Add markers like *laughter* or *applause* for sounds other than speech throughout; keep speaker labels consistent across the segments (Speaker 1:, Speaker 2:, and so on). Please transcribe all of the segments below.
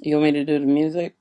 Speaker 1: You want me to do the music?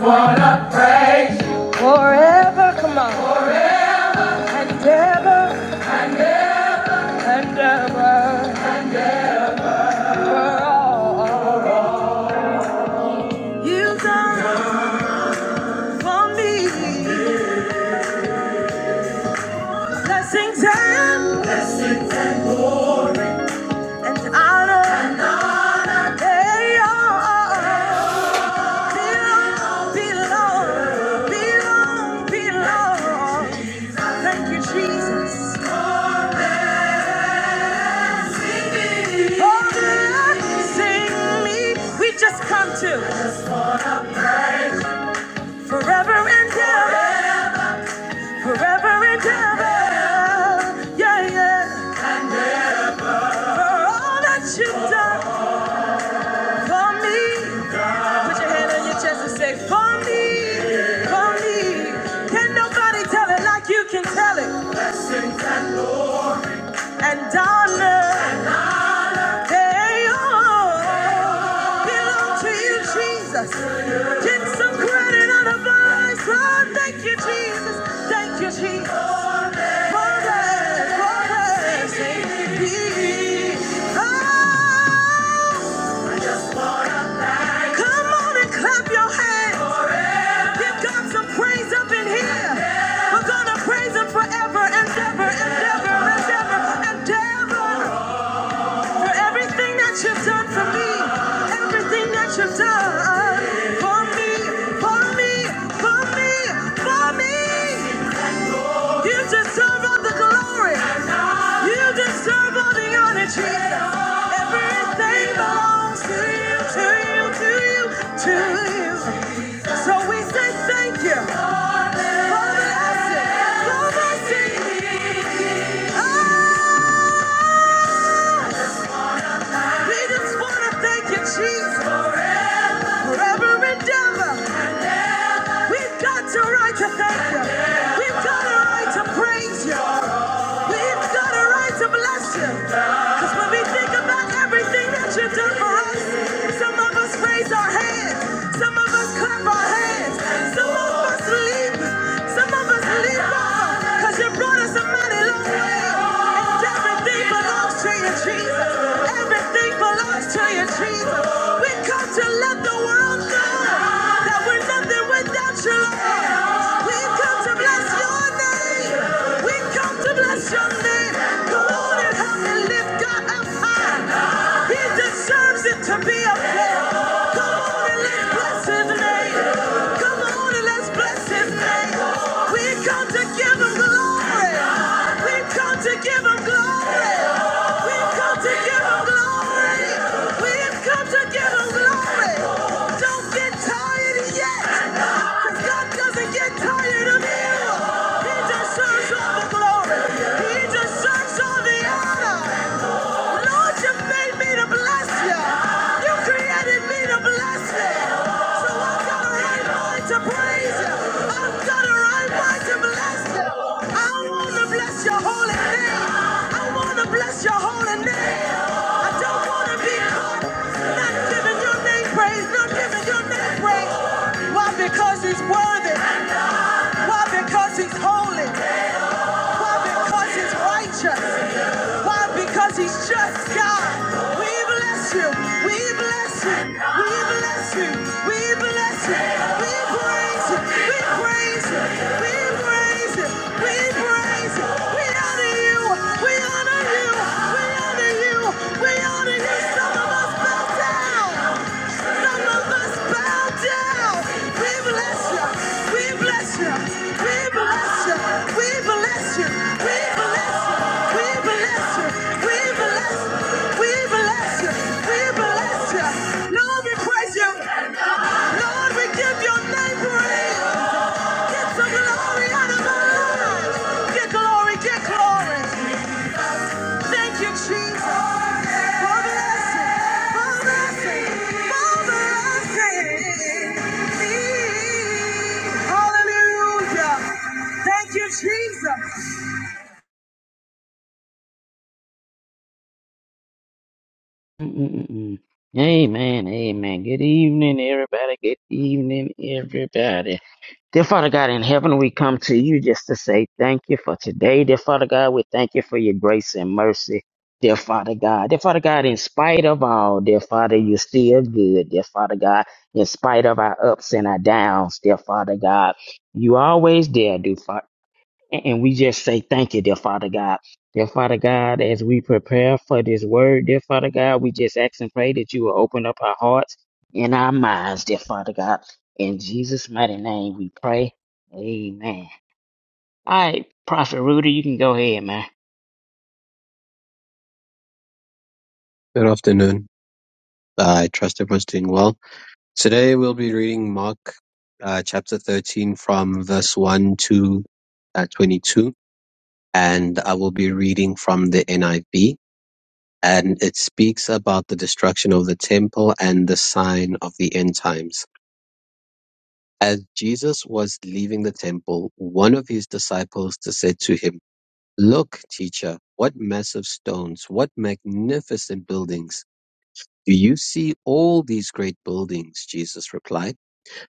Speaker 2: Wanna praise you forever, come on, and ever and ever. For all you've done for me, blessings and and honor, they all belong, belong, belong, belong. Thank you, Jesus. Oh, blessing me, we just come to forever and ever. Forever and ever, yeah, yeah. For all that you've done for me. Put your hand on your chest and say, For me, for me. Can nobody tell it like you can tell it? And darling. Hey, oh, belong to you, Jesus. Get some credit on the vine. Oh, thank you, Jesus. Thank you, Jesus. For mercy. Oh, come on and clap your hands. Give God some praise up in here. We're gonna praise Him forever and ever and ever and ever and ever. For everything that you've done for me, everything that you've done for me, for me, for me, for me. You deserve all the glory. You deserve all the honor, Jesus. Everything belongs to you, to you, to you, to you. So we say thank you. for blessing, for mercy. Ah, we just want to thank you, Jesus. Forever and ever, we've got a right to thank you. We've got a right to praise you. We've got a right to bless you. Because when we think about everything that you've done for us, some of us raise our hands, some of us clap our hands, some of us leap, some of us leap off. Because you brought us a mighty long way. And everything belongs to you, Jesus. Everything belongs to you, Jesus. We come to let the world know that we're nothing without you, Lord. We come to bless your name. We come to bless your name. Come on and help me lift God up high. He deserves it to be up there. Come on and let's bless his name. Come on and let's bless his name. We come to give him glory. We come to give him glory. We come to to give him glory. We've come to give him glory. Don't get tired yet. Because God doesn't get tired of you. He just serves all the glory. He just serves all the honor. Lord, you made me to bless you. You created me to bless you. So I've got a right mind to praise you. I've got a right mind to bless you. I want to bless bless your holy name. I want to bless your holy name. I don't want to be caught not giving your name praise, not giving your name praise. Why? Because he's worthy. Why? Because he's holy. Why? Because he's righteous. Why? Because he's just God. We bless you. We bless you. We bless you. We bless you. We praise you. We praise you praise you. We praise you. We praise you. We honor you. We honor you. We honor you. We honor you. Some of us bow down. Some of us bow down. We bless you. We bless you. We bless you. We bless you. We bless you. We bless you. We bless you. We bless you. We bless you. Lord, we praise you.
Speaker 3: Mm-mm-mm. Amen, amen. Good evening, everybody. Good evening, everybody. Dear Father God in heaven, we come to you just to say thank you for today. Dear Father God, we thank you for your grace and mercy. Dear Father God, dear Father God, in spite of all, dear Father, you're still good. Dear Father God, in spite of our ups and our downs, dear Father God, you always there, and and we just say thank you, dear Father God. Dear Father God, as we prepare for this word, dear Father God, we just ask and pray that you will open up our hearts and our minds, dear Father God. In Jesus' mighty name we pray. Amen. All right, Prophet Rudy, you can go ahead, man.
Speaker 4: Good afternoon. Uh, I trust everyone's doing well. Today we'll be reading Mark uh, chapter 13 from verse 1 to uh, 22, and I will be reading from the NIV. And it speaks about the destruction of the temple and the sign of the end times. As Jesus was leaving the temple, one of his disciples said to him, Look, teacher, what massive stones, what magnificent buildings. Do you see all these great buildings? Jesus replied,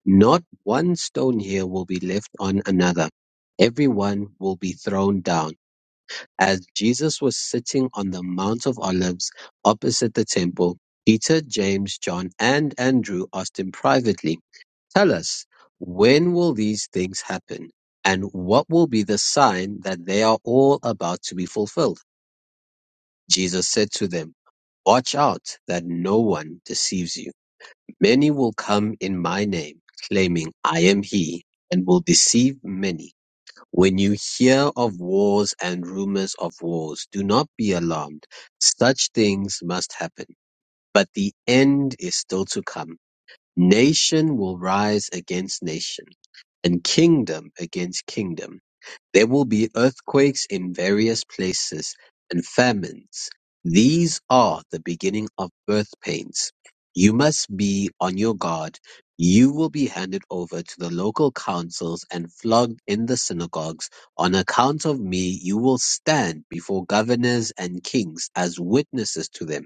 Speaker 4: Not one stone here will be left on another. Every one will be thrown down. As Jesus was sitting on the Mount of Olives opposite the temple, Peter, James, John, and Andrew asked him privately, Tell us, when will these things happen? And what will be the sign that they are all about to be fulfilled? Jesus said to them, Watch out that no one deceives you Many will come in my name, claiming, I am he, and will deceive many. When you hear of wars and rumors of wars, do not be alarmed. Such things must happen, but the end is still to come. Nation will rise against nation, and kingdom against kingdom. There will be earthquakes in various places, and famines. These are the beginning of birth pains. You must be on your guard. You will be handed over to the local councils and flogged in the synagogues. On account of me, you will stand before governors and kings as witnesses to them.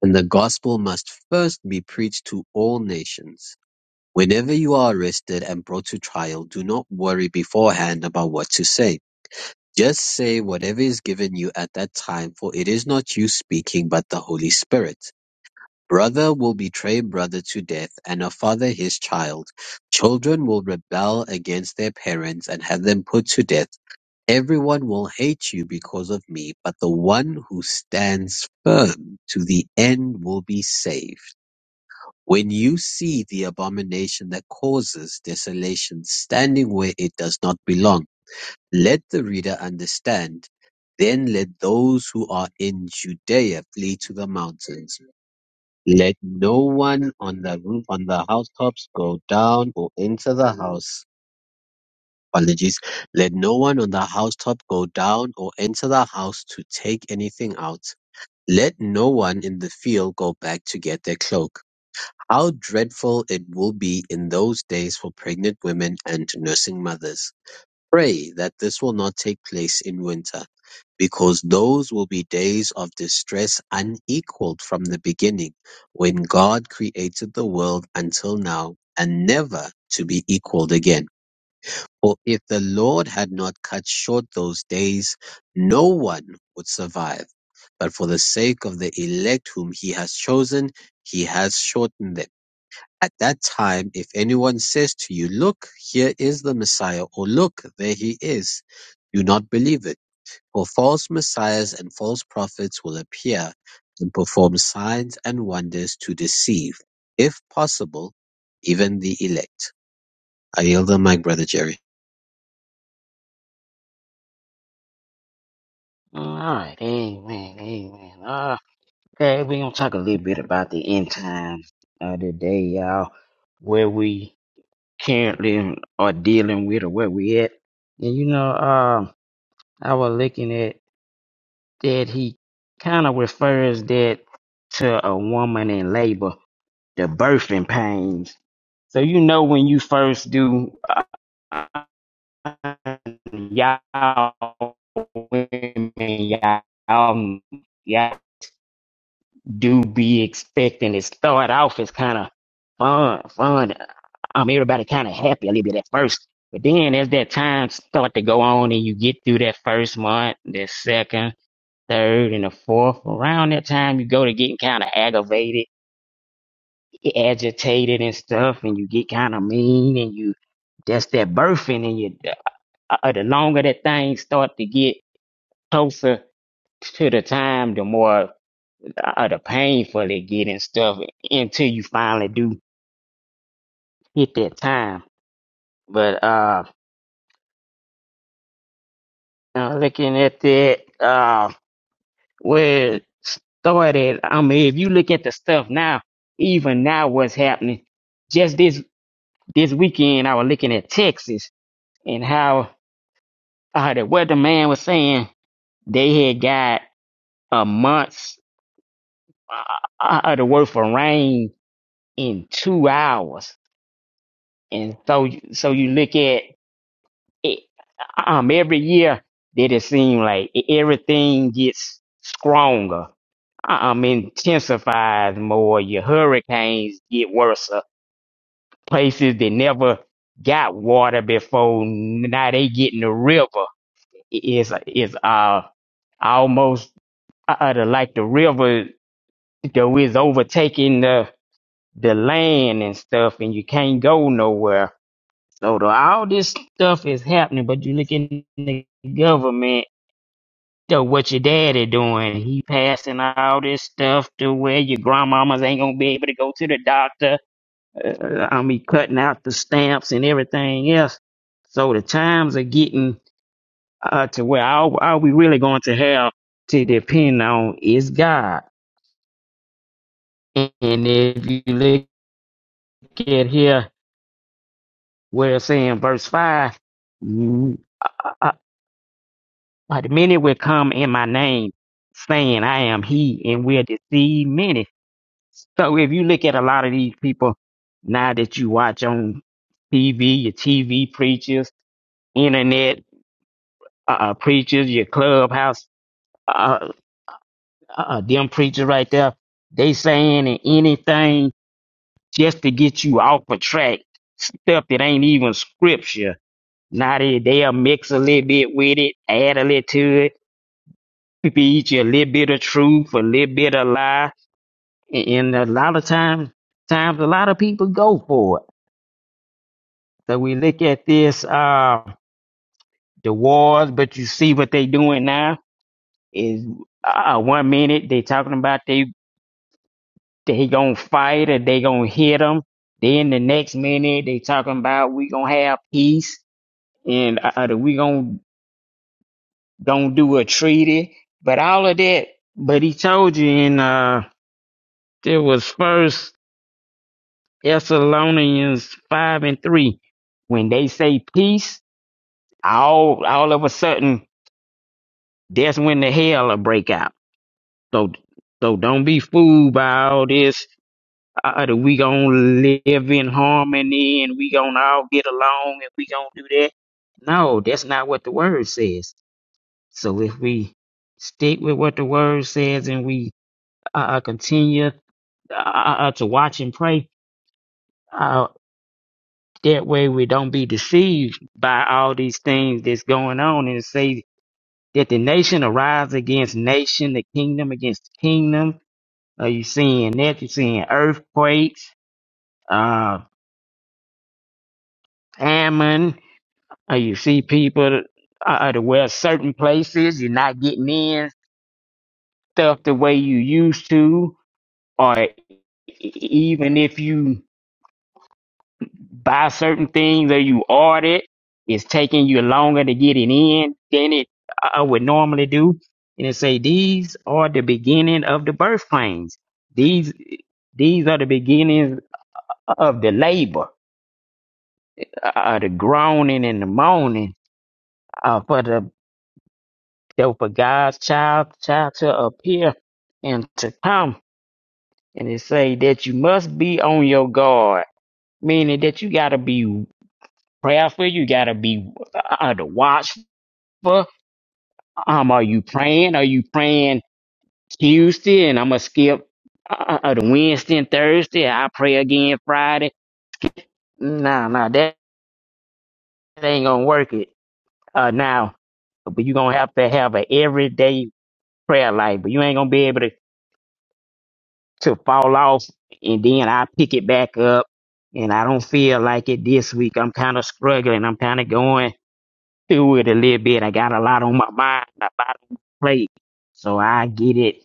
Speaker 4: And the gospel must first be preached to all nations. Whenever you are arrested and brought to trial, do not worry beforehand about what to say just say whatever is given you at that time, for it is not you speaking, but the Holy Spirit. Brother will betray brother to death, and a father his child. Children will rebel against their parents and have them put to death. Everyone will hate you because of me, but the one who stands firm to the end will be saved. When you see the abomination that causes desolation standing where it does not belong, let the reader understand. Then let those who are in Judea flee to the mountains. Let no one on the roof, on the housetops go down or enter the house. Apologies. Let no one on the housetop go down or enter the house to take anything out. Let no one in the field go back to get their cloak. How dreadful it will be in those days for pregnant women and nursing mothers. Pray that this will not take place in winter, because those will be days of distress unequaled from the beginning, when God created the world until now, and never to be equaled again. For if the Lord had not cut short those days, no one would survive. But for the sake of the elect whom he has chosen, he has shortened them. At that time, if anyone says to you, Look, here is the Messiah, or Look, there he is, do not believe it. For false messiahs and false prophets will appear and perform signs and wonders to deceive, if possible, even the elect. I yield the mic, Brother Jerry.
Speaker 3: All right, amen, amen. Uh, okay, we're going to talk a little bit about the end times of the day, y'all, where we currently are dealing with or where we at. And you know, um, I was looking at that he kind of refers that to a woman in labor, the birthing pains. So you know when you first do, uh, y'all women, y'all, um, y'all do be expecting it start off as kind of fun, fun. Um, everybody kind of happy a little bit at first. But then as that time start to go on and you get through that first month, that second. third and the fourth. Around that time, you go to getting kind of aggravated, agitated, and stuff, and you get kind of mean, and you that's that birthing, and you uh, uh, the longer that thing start to get closer to the time, the more uh, the painful it get and stuff until you finally do hit that time. But uh, uh looking at that, uh, where it started, I mean, if you look at the stuff now, even now, what's happening? just this. this weekend I was looking at Texas and how uh, the weatherman was saying they had got a month's uh, uh, the worth of rain in two hours, and so so you look at it, um every year that it seems like e-, everything gets stronger, um intensifies more. Your hurricanes get worse. Uh, Places that never got water before now they getting the river is is uh almost uh, uh, the- like the river though is overtaking the the land and stuff and you can't go nowhere so the, all this stuff is happening but you look in the government though what your daddy doing he passing all this stuff to where your grandmamas ain't gonna be able to go to the doctor uh, i mean cutting out the stamps and everything else so the times are getting uh, to where are, are we really going to have to depend on is God. And if you look at here, where it's saying verse 5, you- uh, uh, the many will come in my name, saying, I am he, and will deceive many. So if you look at a lot of these people now that you watch on TV, your TV preachers, internet uh, uh, preachers, your clubhouse, uh, uh, uh, them preachers right there, they saying anything just to get you off a track, stuff that ain't even scripture. Now they, they'll mix a little bit with it, add a little to it, teach you a little bit of truth, a little bit of lie. And, and a lot of times, times a lot of people go for it. So we look at this, uh, the wars, but you see what they doing now is, uh, one minute they talking about they, they gonna fight or they gonna hit them. Then the next minute they talking about we gonna have peace and uh, uh, we gonna don't do a treaty, but all of that. But he told you in uh, there was First Thessalonians five and three when they say peace, all all of a sudden that's when the hell will break out. So so don't be fooled by all this. Uh, uh, that we gonna live in harmony and we gonna all get along and we gonna do that. No, that's not what the word says. So if we stick with what the word says and we uh, uh, continue uh, uh, uh, to watch and pray, uh, that way we don't be deceived by all these things that's going on and say that the nation arise against nation, the kingdom against kingdom. Are you seeing that? You're seeing earthquakes, uh, famine. Uh, you see people uh, uh, to where certain places you're not getting in stuff the way you used to or e- e-, even if you buy certain things or you order it, it's taking you longer to get it in than it I would normally do. And it say these are the beginning of the birth pains. These these are the beginnings of the labor, uh, the groaning and the moaning uh, for the for God's child child to appear and to come. And it say that you must be on your guard meaning that you gotta be prayerful. You gotta be uh, the watchful. Um, are you praying? Are you praying Tuesday? And I'm gonna skip uh, uh, the Wednesday and Thursday. I pray again Friday. Nah, nah, that ain't gonna work it. Uh, now, but you gonna have to have an everyday prayer life. But you ain't gonna be able to to fall off, and then I pick it back up. And I don't feel like it this week. I'm kind of struggling. I'm kind of going. through it a little bit. I got a lot on my mind, a lot on my plate. So I get it.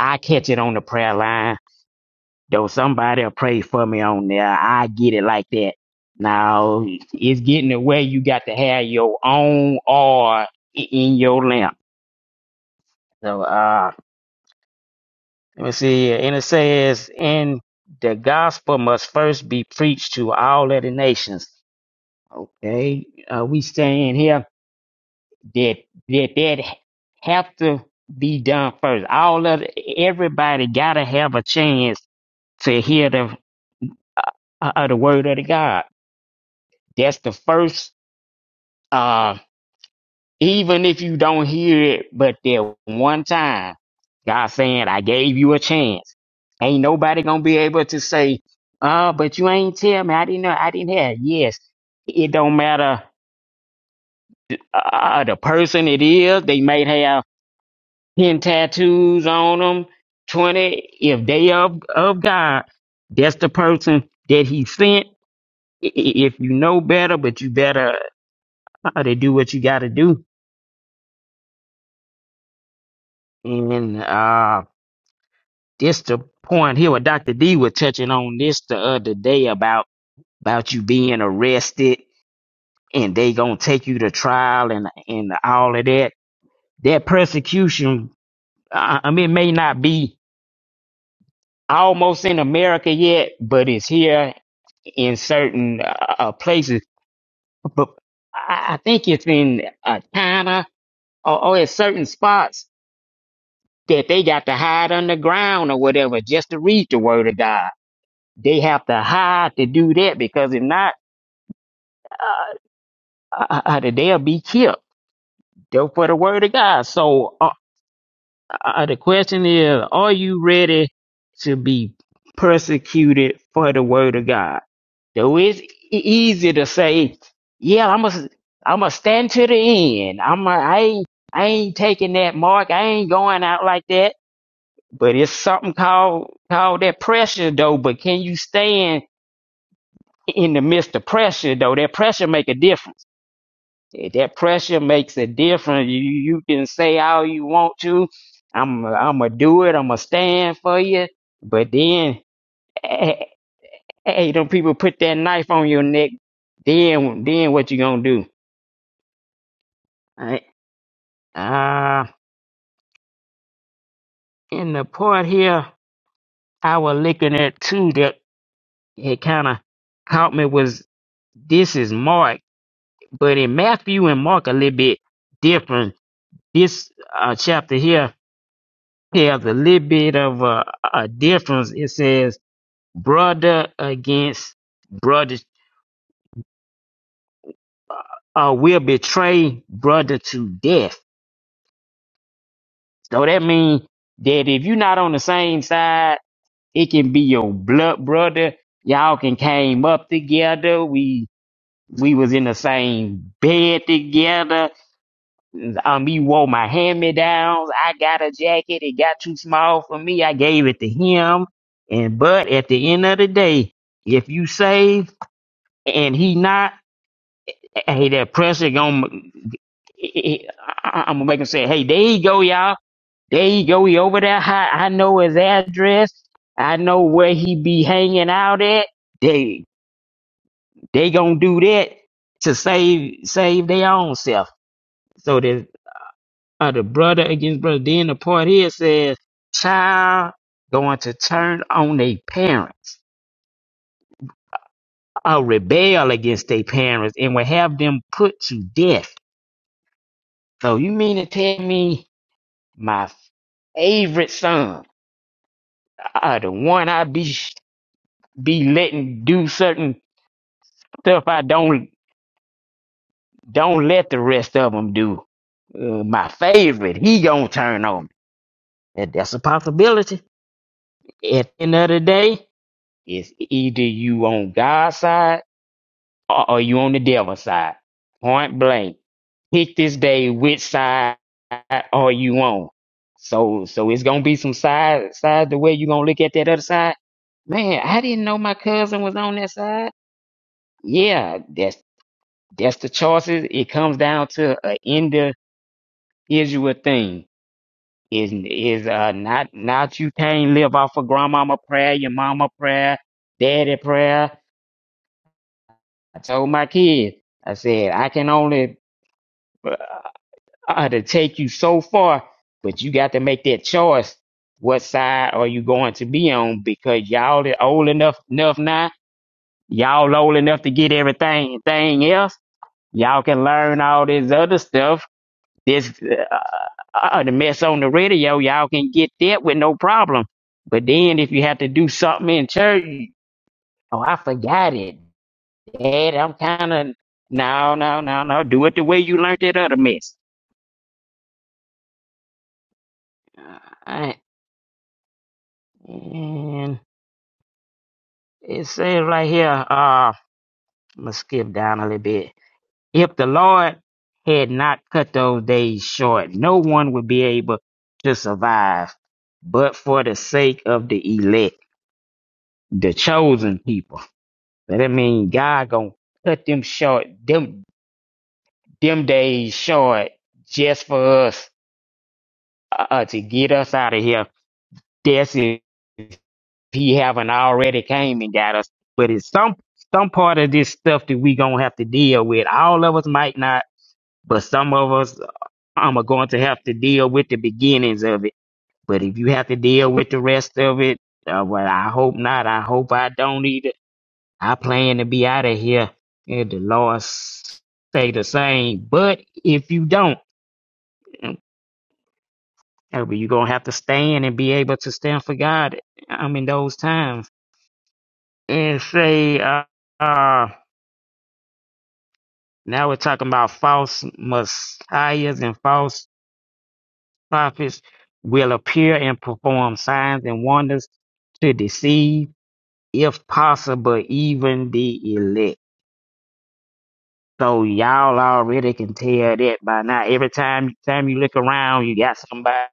Speaker 3: I catch it on the prayer line. Though somebody will pray for me on there. I get it like that. Now it's getting the way you got to have your own oil i- in your lamp. So uh let me see here. And it says, and the gospel must first be preached to all of the nations. Okay, uh, we staying here that that that have to be done first. All of the- everybody gotta have a chance to hear the uh, the word of the God. That's the first. Uh, even if you don't hear it, but that one time, God saying, "I gave you a chance." Ain't nobody gonna be able to say, "Uh, but you ain't tell me. I didn't know. I didn't have." Yes, it don't matter uh, the person it is. They may have. getting tattoos on them. 20, if they of, of God, that's the person that he sent. I- i- If you know better, but you better try to do what you got to do. And uh, this the point here what Dr. D was touching on this the other day about, about you being arrested and they going to take you to trial and, and all of that. That persecution, I I mean, it may not be almost in America yet, but it's here in certain uh, uh, places, but I think it's in uh, China or, or in certain spots that they got to hide underground or whatever just to read the word of God. They have to hide to do that because if not, uh, uh, uh, they'll be killed. They're for the word of God. So uh, uh, the question is, are you ready to be persecuted for the word of God? Though it's e- easy to say, yeah, I'm a, I'm a stand to the end. I'm a, I ain't, I ain't taking that mark. I ain't going out like that. But it's something called, called that pressure though. But can you stand in the midst of pressure though? That pressure make a difference. If That pressure makes a difference. You, you can say all you want to. I'm, I'm gonna do it. I'm gonna stand for you. But then a- Hey, them people put that knife on your neck. Then, then what you gonna do? Right. Uh, in the part here, I was looking at too that it kind of caught me was this is Mark, but in Matthew and Mark a little bit different. This uh, chapter here has a little bit of a, a difference. It says brother against brother, uh, will betray brother to death So that means that if you're not on the same side, it can be your blood brother. Y'all can came up together. We we was in the same bed together. Um, he wore my hand me downs. I got a jacket. It got too small for me. I gave it to him. And but at the end of the day, if you save and he not, hey, that pressure gonna. I, I- I'm gonna make him say, hey, there you go, y'all. There you go. He over there. I, I know his address. I know where he be hanging out at. They they gonna do that to save save their own self. So the uh, the brother against brother. Then the part here says child going to turn on their parents or rebel against their parents and will have them put to death. So you mean to tell me my favorite son, uh, the one I be be letting do certain stuff I don't don't let the rest of them do. Uh, my favorite, he gonna turn on me. That, that's a possibility. At the end of the day, it's either you on God's side or, or you on the devil's side. Point blank. Pick this day which side are you on. So so it's gonna be some side sides the way you gonna look at that other side. Man, I didn't know my cousin was on that side. Yeah, that's that's the choices. It comes down to an end. Israel thing is is uh not not you can't live off of grandmama prayer, your mama prayer, daddy prayer. I told my kids, I said I can only uh, uh, to take you so far, but you got to make that choice. What side are you going to be on? Because y'all are old enough enough now. Y'all old enough to get everything thing else. Y'all can learn all this other stuff This uh, uh, the mess on the radio, y'all can get that with no problem. But then if you have to do something in church, oh, I forgot it, Dad. I'm kind of no, no, no, no. Do it the way you learned that other mess. Uh, I- and it says right here. Uh, I'm gonna skip down a little bit. If the Lord had not cut those days short, no one would be able to survive. But for the sake of the elect, the chosen people. But I mean, God gonna cut them short, them them days short, just for us uh, uh, to get us out of here. That's if He haven't already came and got us. But it's some some part of this stuff that we gonna have to deal with. All of us might not, but some of us um, are going to have to deal with the beginnings of it. But if you have to deal with the rest of it, uh, well, I hope not. I hope I don't either I plan to be out of here. And the Lord s- say the same. But if you don't, you're going to have to stand and be able to stand for God. I mean, those times. And say, uh, uh, now we're talking about false messiahs and false prophets will appear and perform signs and wonders to deceive, if possible, even the elect. So y'all already can tell that by now. Every time time you look around, you got somebody.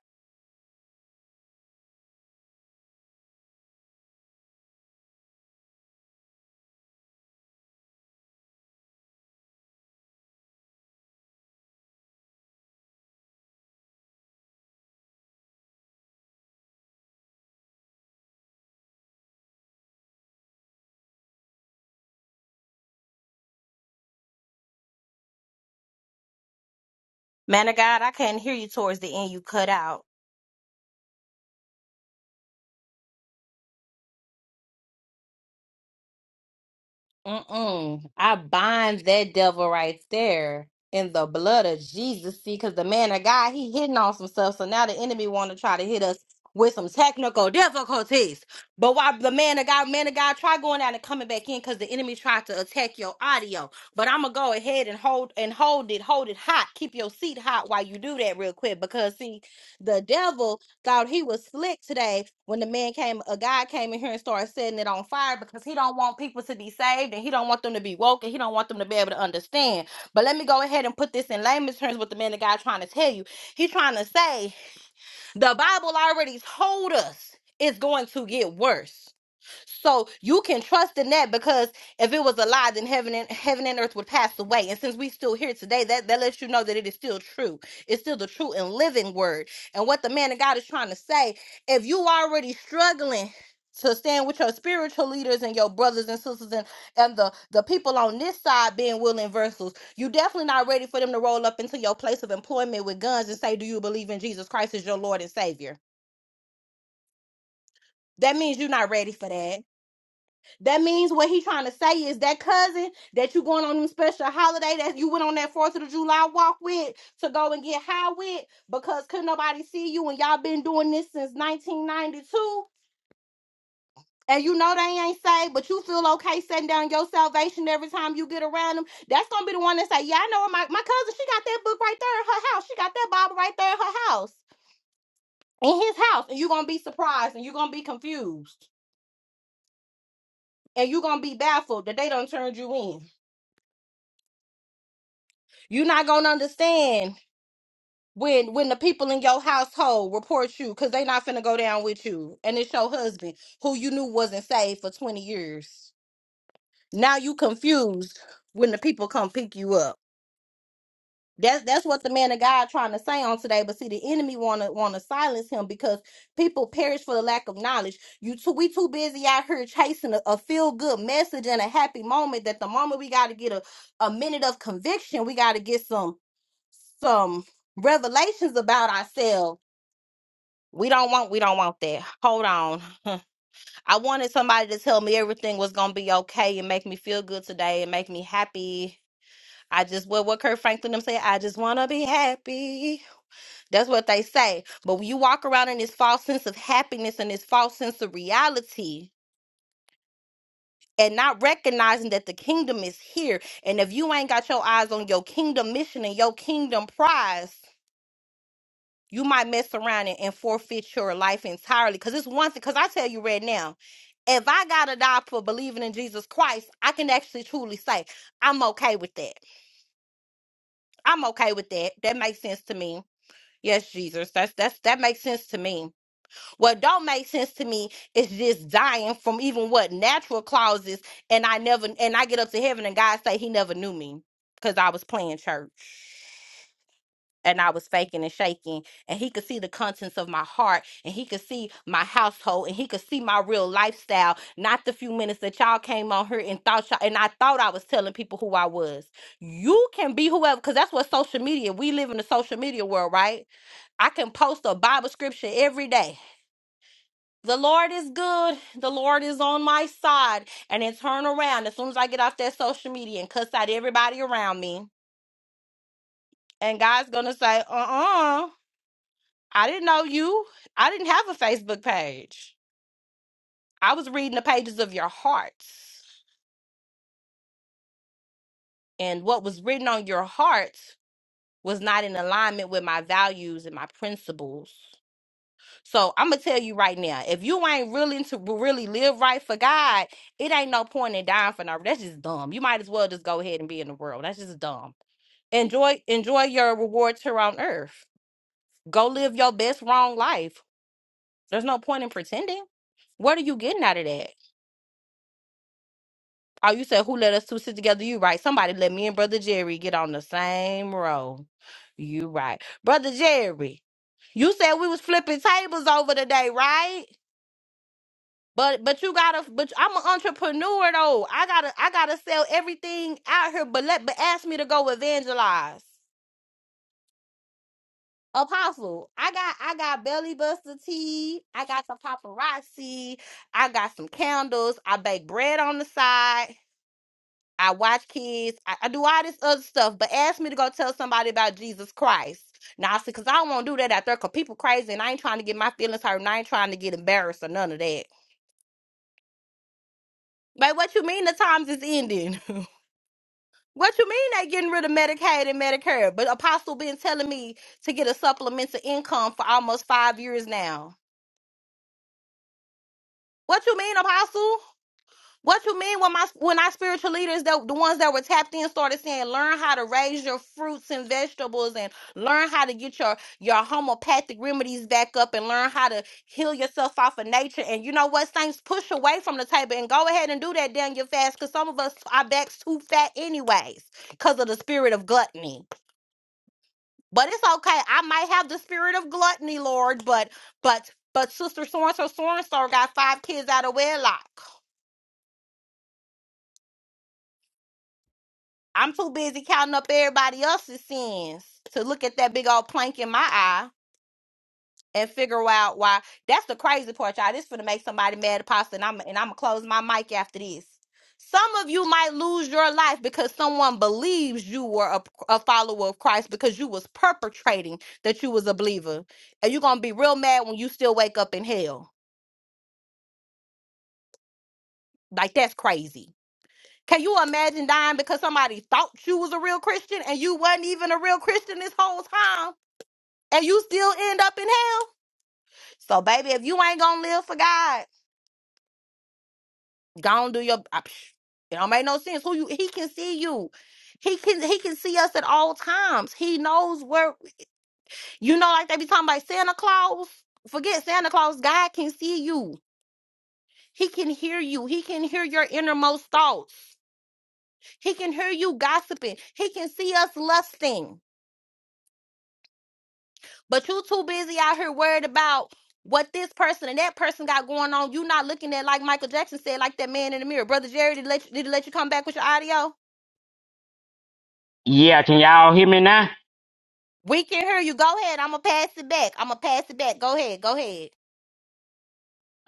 Speaker 3: Yeah, can y'all hear me now?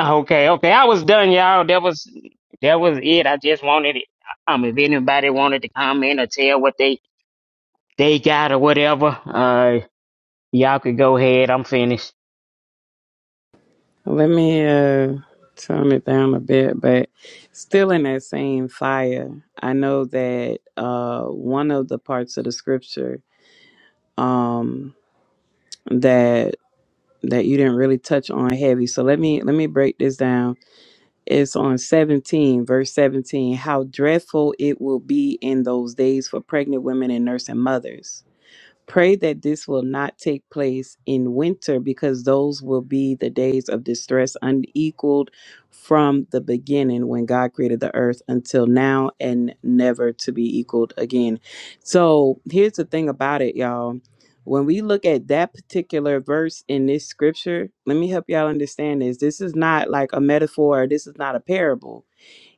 Speaker 3: Okay, okay. I was done, y'all. That was that was it. I just wanted it. Um, if anybody wanted to comment or tell what they they got or whatever, uh, y'all could go ahead. I'm finished.
Speaker 1: Let me uh tone it down a bit, but still in that same fire. I know that uh one of the parts of the scripture um that that you didn't really touch on heavy. So let me let me break this down. It's on 17, verse 17. How dreadful it will be in those days for pregnant women and nursing mothers. Pray that this will not take place in winter because those will be the days of distress unequaled from the beginning when God created the earth until now and never to be equaled again. So here's the thing about it, y'all. When we look at that particular verse in this scripture, let me help y'all understand this. This is not like a metaphor, this is not a parable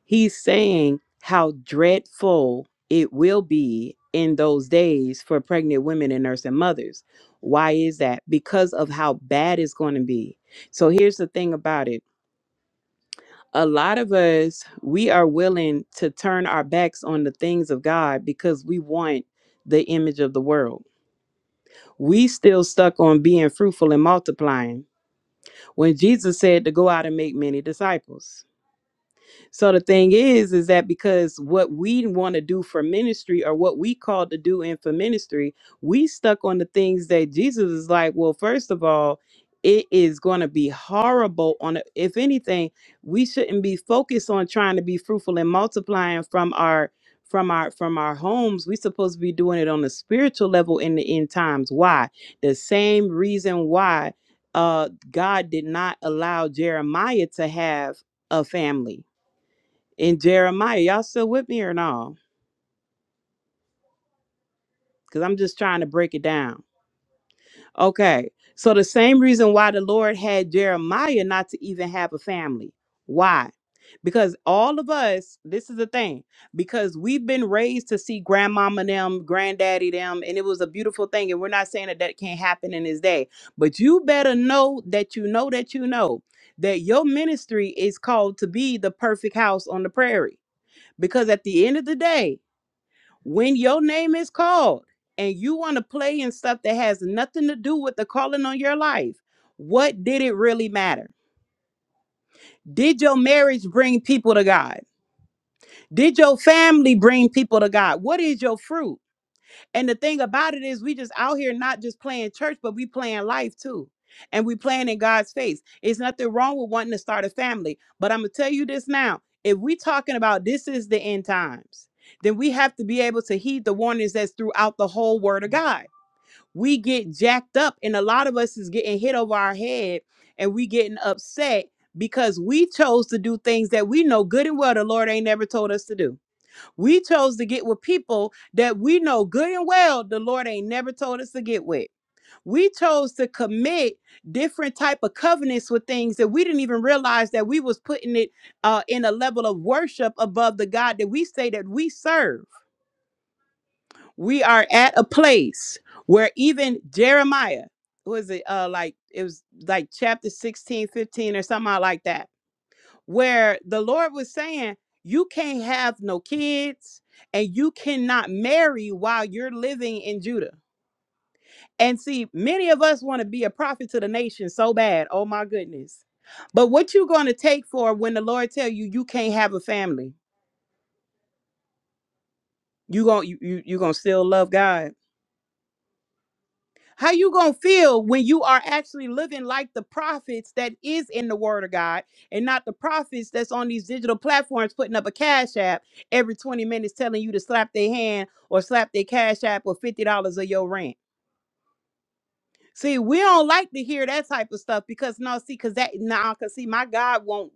Speaker 1: He's saying how dreadful it will be in those days for pregnant women and nursing mothers. Why is that? Because of how bad it's going to be. So here's the thing about it. A lot of us, we are willing to turn our backs on the things of God because we want the image of the world. We still stuck on being fruitful and multiplying when Jesus said to go out and make many disciples. So the thing is, is that because what we want to do for ministry or what we called to do in for ministry, we stuck on the things that Jesus is like, well, first of all, it is going to be horrible on a, if anything, we shouldn't be focused on trying to be fruitful and multiplying from our from our from our homes. We supposed to be doing it on a spiritual level in the end times. Why? The same reason why uh God did not allow Jeremiah to have a family in Jeremiah. Y'all still with me or no? Because I'm just trying to break it down. Okay. So the same reason why the Lord had Jeremiah not to even have a family. Why? Because all of us, this is the thing, because we've been raised to see grandmama them, granddaddy them, and it was a beautiful thing. And we're not saying that that can't happen in this day, but you better know that you know that you know that your ministry is called to be the perfect house on the prairie. Because at the end of the day, when your name is called and you want to play in stuff that has nothing to do with the calling on your life, what did it really matter? Did your marriage bring people to God? Did your family bring people to God? What is your fruit? And the thing about it is we just out here not just playing church, but we playing life too. And we playing in God's face. It's nothing wrong with wanting to start a family. But I'm gonna tell you this now. If we talking about this is the end times, then we have to be able to heed the warnings that's throughout the whole word of God. We get jacked up, and a lot of us is getting hit over our head and we getting upset because we chose to do things that we know good and well the Lord ain't never told us to do. We chose to get with people that we know good and well the Lord ain't never told us to get with. We chose to commit different type of covenants with things that we didn't even realize that we was putting it uh, in a level of worship above the God that we say that we serve. We are at a place where even Jeremiah was it uh like it was like chapter 16, 15, or something like that where the Lord was saying, You can't have no kids and you cannot marry while you're living in Judah. And see, many of us want to be a prophet to the nation so bad. Oh my goodness. But what you gonna take for when the Lord tell you you can't have a family? You gonna you you you gonna still love God? How you gonna feel when you are actually living like the prophets that is in the Word of God, and not the prophets that's on these digital platforms putting up a cash app every twenty minutes, telling you to slap their hand or slap their cash app or fifty dollars of your rent? See, we don't like to hear that type of stuff because no, see, because that nah, cause see, my God won't.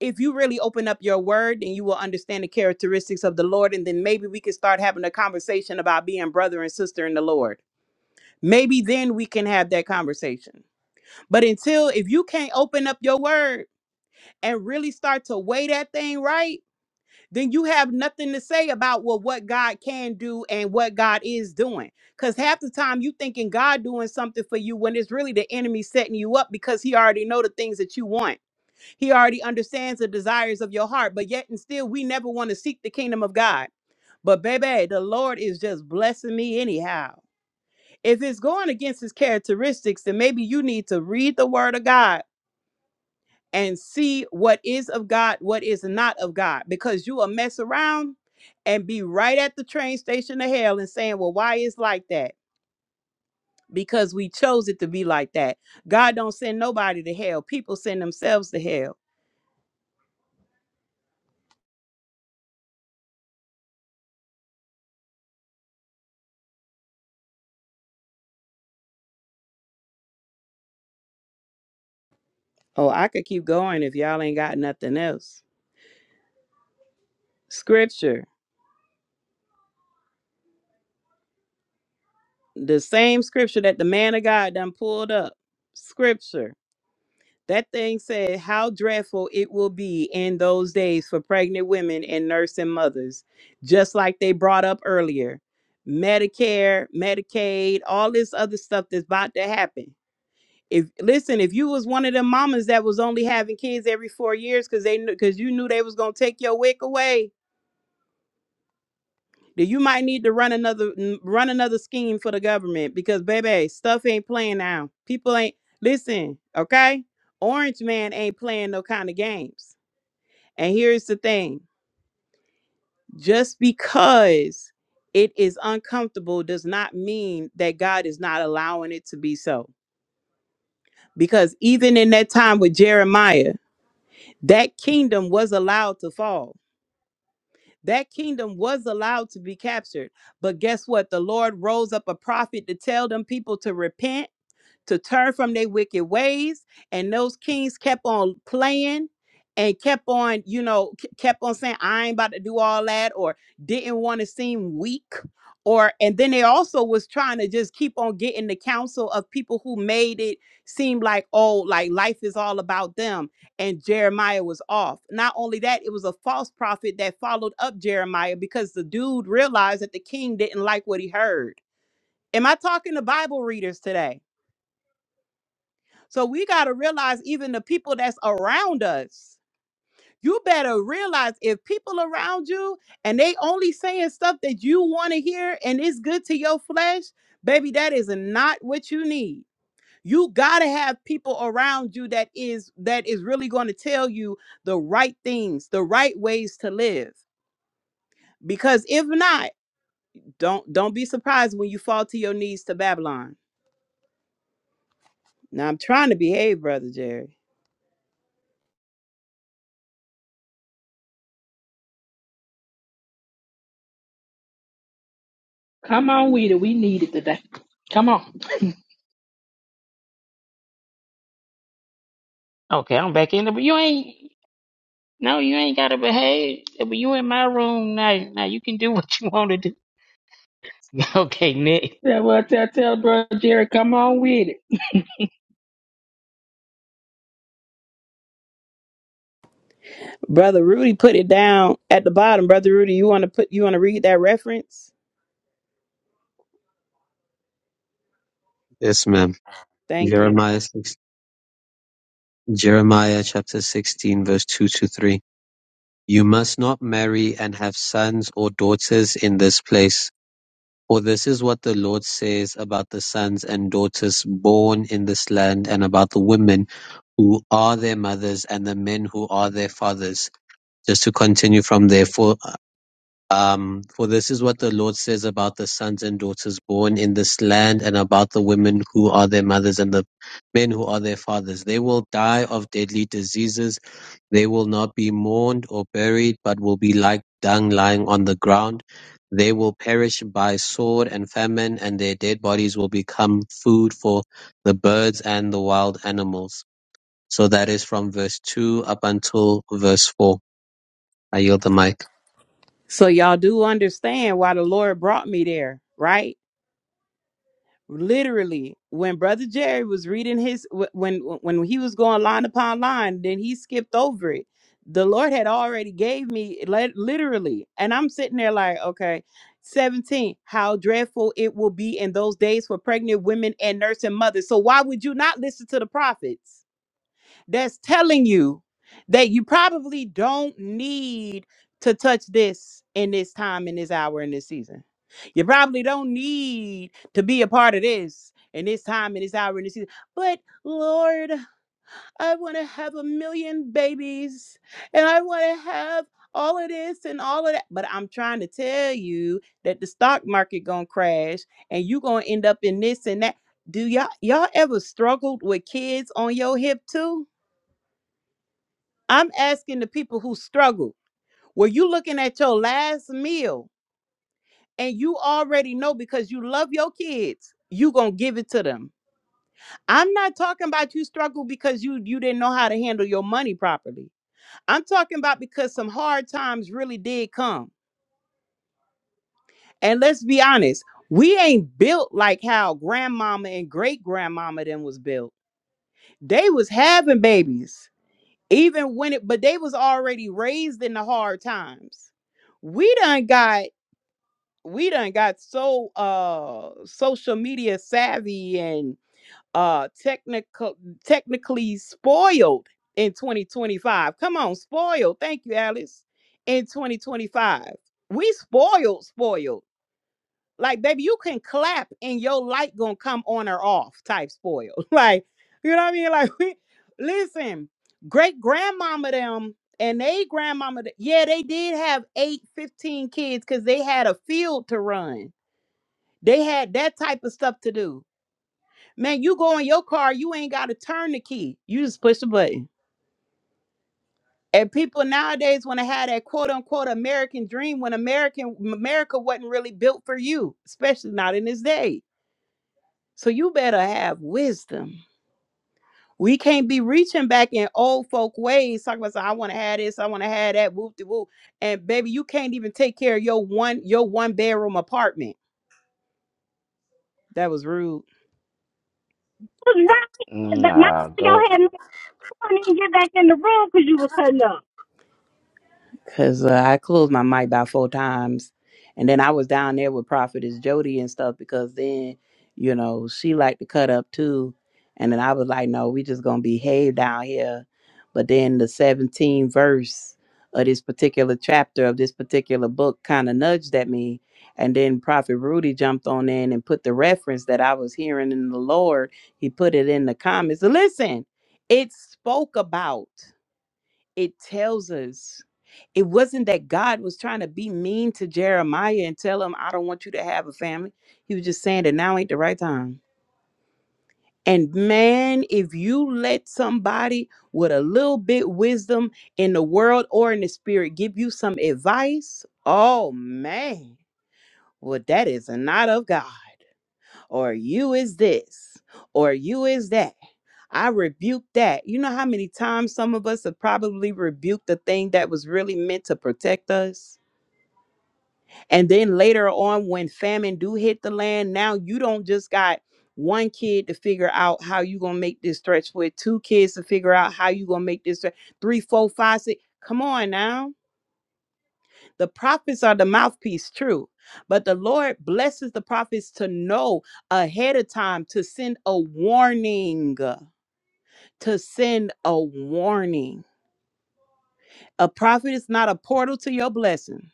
Speaker 1: If you really open up your Word, then you will understand the characteristics of the Lord, and then maybe we can start having a conversation about being brother and sister in the Lord. Maybe then we can have that conversation but until if you can't open up your word and really start to weigh that thing right, then you have nothing to say about well what God can do and what God is doing. Cause half the time you thinking God doing something for you when it's really the enemy setting you up because he already know the things that you want. He already understands the desires of your heart. But yet and still we never want to seek the kingdom of God. But baby, the Lord is just blessing me anyhow. If it's going against his characteristics, then maybe you need to read the word of God and see what is of God, what is not of God, because you will mess around and be right at the train station of hell and saying, Well, why is like that? Because we chose it to be like that. God don't send nobody to hell. People send themselves to hell. Oh, I could keep going if y'all ain't got nothing else. Scripture. The same scripture that the man of God done pulled up. Scripture. That thing said, How dreadful it will be in those days for pregnant women and nursing mothers, just like they brought up earlier. Medicare, Medicaid, all this other stuff that's about to happen. If listen, if you was one of them mamas that was only having kids every four years because they because you knew they was gonna take your wick away, then you might need to run another n- run another scheme for the government because baby, stuff ain't playing now. People ain't listen, okay? Orange man ain't playing no kind of games. And here's the thing just because it is uncomfortable does not mean that God is not allowing it to be so. Because even in that time with Jeremiah, that kingdom was allowed to fall. That kingdom was allowed to be captured. But guess what? The Lord rose up a prophet to tell them people to repent to turn from their wicked ways. And those kings kept on playing and kept on, you know, k- kept on saying, I ain't about to do all that, or didn't want to seem weak. Or and then they also was trying to just keep on getting the counsel of people who made it seem like, oh, like life is all about them. And Jeremiah was off. Not only that, it was a false prophet that followed up Jeremiah because the dude realized that the king didn't like what he heard. Am I talking to Bible readers today? So we got to realize even the people that's around us. You better realize if people around you and they only saying stuff that you want to hear and it's good to your flesh, baby, that is not what you need. You got to have people around you that is that is really going to tell you the right things, the right ways to live. Because if not, don't don't be surprised when you fall to your knees to Babylon. Now I'm trying to behave, brother Jerry.
Speaker 5: Come on with it. We need it today. Come on.
Speaker 3: Okay, I'm back in. the- But you ain't. No, you ain't gotta behave. But you in my room now. Now you can do *laughs* what you want to do. *laughs* Okay, Nick.
Speaker 5: Tell, well, tell, tell, brother Jerry, come on with it.
Speaker 1: Brother Rudy put it down at the bottom. Brother Rudy, you want to put you want to read that reference?
Speaker 4: Yes, ma'am.
Speaker 1: Thank you.
Speaker 4: Jeremiah, 6, Jeremiah chapter 16, verse 2 to 3. You must not marry and have sons or daughters in this place For this is what the Lord says about the sons and daughters born in this land, and about the women who are their mothers, and the men who are their fathers. Just to continue from there, for um, for this is what the Lord says about the sons and daughters born in this land and about the women who are their mothers and the men who are their fathers. They will die of deadly diseases. They will not be mourned or buried, but will be like dung lying on the ground. They will perish by sword and famine, and their dead bodies will become food for the birds and the wild animals. So that is from verse 2 up until verse 4. I yield the mic.
Speaker 1: So y'all do understand why the Lord brought me there, right? literally when brother jerry was reading his wh- when when he was going line upon line then he skipped over it the lord had already gave me li- literally and i'm sitting there like okay 17 how dreadful it will be in those days for pregnant women and nursing mothers so why would you not listen to the prophets that's telling you that you probably don't need to touch this in this time, in this hour, in this season. You probably don't need to be a part of this in this time, in this hour, in this season. But Lord, I want to have a million babies and I want to have all of this and all of that. But I'm trying to tell you that the stock market going to crash and you going to end up in this and that. Do y'all y'all ever struggled with kids on your hip too? I'm asking the people who struggle. Were you looking at your last meal and you already know because you love your kids, you going to give it to them. I'm not talking about you struggle because you you didn't know how to handle your money properly. I'm talking about because some hard times really did come. And let's be honest, we ain't built like how grandmama and great grandmama then was built. They was having babies even when it but they was already raised in the hard times we done got we done got so uh social media savvy and uh technical technically spoiled in 2025 come on spoiled thank you alice in 2025 we spoiled spoiled like baby you can clap and your light gonna come on or off type spoiled *laughs* like you know what i mean like we listen great grandmama them and they grandmama th- yeah they did have eight fifteen kids because they had a field to run they had that type of stuff to do. Man, you go in your car, you ain't got to turn the key. You just push the button. And people nowadays want to have that quote unquote American dream when American America wasn't really built for you, especially not in this day. So you better have wisdom. We can't be reaching back in old folk ways, talking about "So I want to have this, I want to have that, whoop de whoop. And baby, you can't even take care of your one your one bedroom apartment. That was rude.
Speaker 2: Let's
Speaker 3: Nah,
Speaker 2: go
Speaker 3: go.
Speaker 2: ahead. and.
Speaker 1: because uh, I closed my mic about four times, and then I was down there with Prophetess Jody and stuff because then, you know, she liked to cut up too, and then I was like, no, we just gonna behave down here. But then the 17th verse of this particular chapter of this particular book kind of nudged at me, and then Prophet Rudy jumped on in and put the reference that I was hearing in the Lord. He put it in the comments. Listen, it spoke about it tells us it wasn't that God was trying to be mean to Jeremiah and tell him, I don't want you to have a family. He was just saying that now ain't the right time. And man, if you let somebody with a little bit wisdom in the world or in the spirit give you some advice, oh man, well, that is not of God or you is this, or you is that. I rebuke that. You know how many times some of us have probably rebuked the thing that was really meant to protect us? And then later on, when famine do hit the land, now you don't just got one kid to figure out how you gonna make this stretch with two kids to figure out how you gonna make this stretch, three, four, five, six. Come on now the prophets are the mouthpiece, true. But the Lord blesses the prophets to know ahead of time to send a warning. To send a warning. A prophet is not a portal to your blessing,